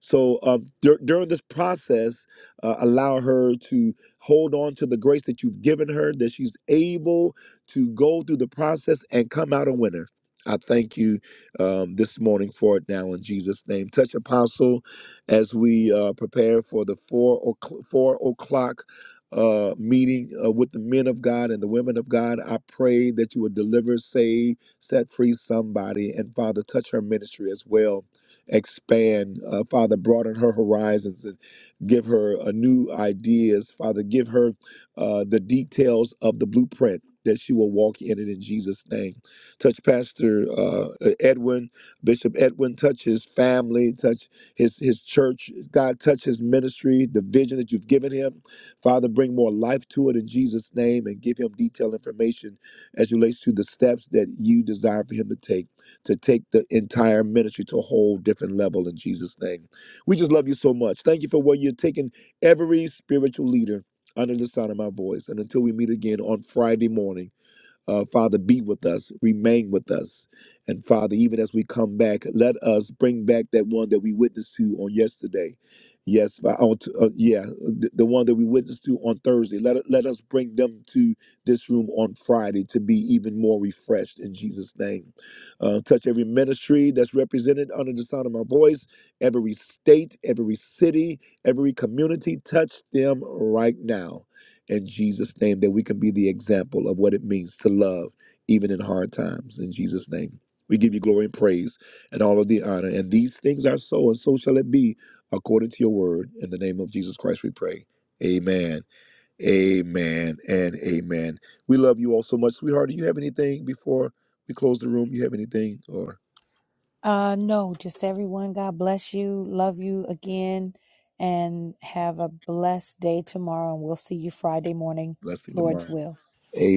B: So um, dur- during this process, uh, allow her to hold on to the grace that you've given her, that she's able to go through the process and come out a winner. I thank you um, this morning for it now in Jesus' name. Touch Apostle as we uh, prepare for the four, o'cl- four o'clock uh, meeting uh, with the men of God and the women of God. I pray that you would deliver, save, set free somebody. And Father, touch her ministry as well. Expand, uh, Father, broaden her horizons and give her uh, new ideas. Father, give her uh, the details of the blueprint that she will walk in it in Jesus' name. Touch Pastor uh, Edwin, Bishop Edwin. Touch his family. Touch his his church. God, touch his ministry, the vision that you've given him. Father, bring more life to it in Jesus' name, and give him detailed information as it relates to the steps that you desire for him to take to take the entire ministry to a whole different level in Jesus' name. We just love you so much. Thank you for where you're taking every spiritual leader under the sound of my voice. And until we meet again on Friday morning. Uh, Father, be with us, remain with us. And Father, even as we come back, let us bring back that one that we witnessed to on yesterday. Yes, Fa- on t- uh, yeah, the, the one that we witnessed to on Thursday. Let, let us bring them to this room on Friday to be even more refreshed in Jesus' name. Uh, touch every ministry that's represented under the sound of my voice, every state, every city, every community. Touch them right now in Jesus' name, that we can be the example of what it means to love even in hard times. In Jesus' name, we give you glory and praise and all of the honor. And these things are so, and so shall it be according to your word. In the name of Jesus Christ, we pray. Amen. Amen. And amen. We love you all so much. Sweetheart, do you have anything before we close the room? You have anything or
A: Uh, no, just everyone. God bless you. Love you again, and have a blessed day tomorrow. And we'll see you Friday morning,
B: blessing
A: Lord's
B: tomorrow?
A: will,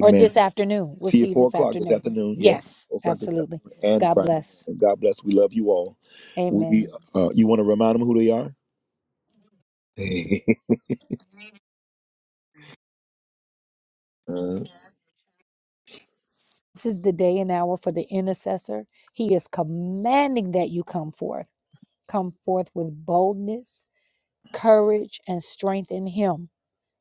A: or this afternoon. We'll
B: See you
A: see
B: at
A: you
B: four
A: this
B: o'clock this
A: afternoon.
B: afternoon. Yes,
A: Yes,
B: four o'clock this
A: absolutely.
B: afternoon and
A: God
B: Friday
A: bless.
B: morning. God bless. We love you all. We,
A: Amen.
B: uh, you want to remind them who they are? <laughs>
A: This is the day and hour for the intercessor. He is commanding that you come forth. come forth with boldness, courage, and strength in Him,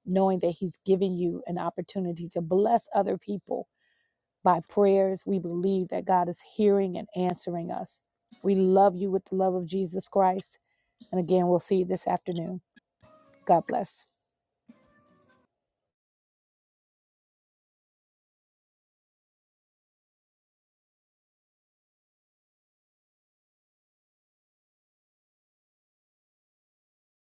A: knowing that He's given you an opportunity to bless other people by prayers. We believe that God is hearing and answering us. We love you with the love of Jesus Christ. And again, we'll see you this afternoon. God bless.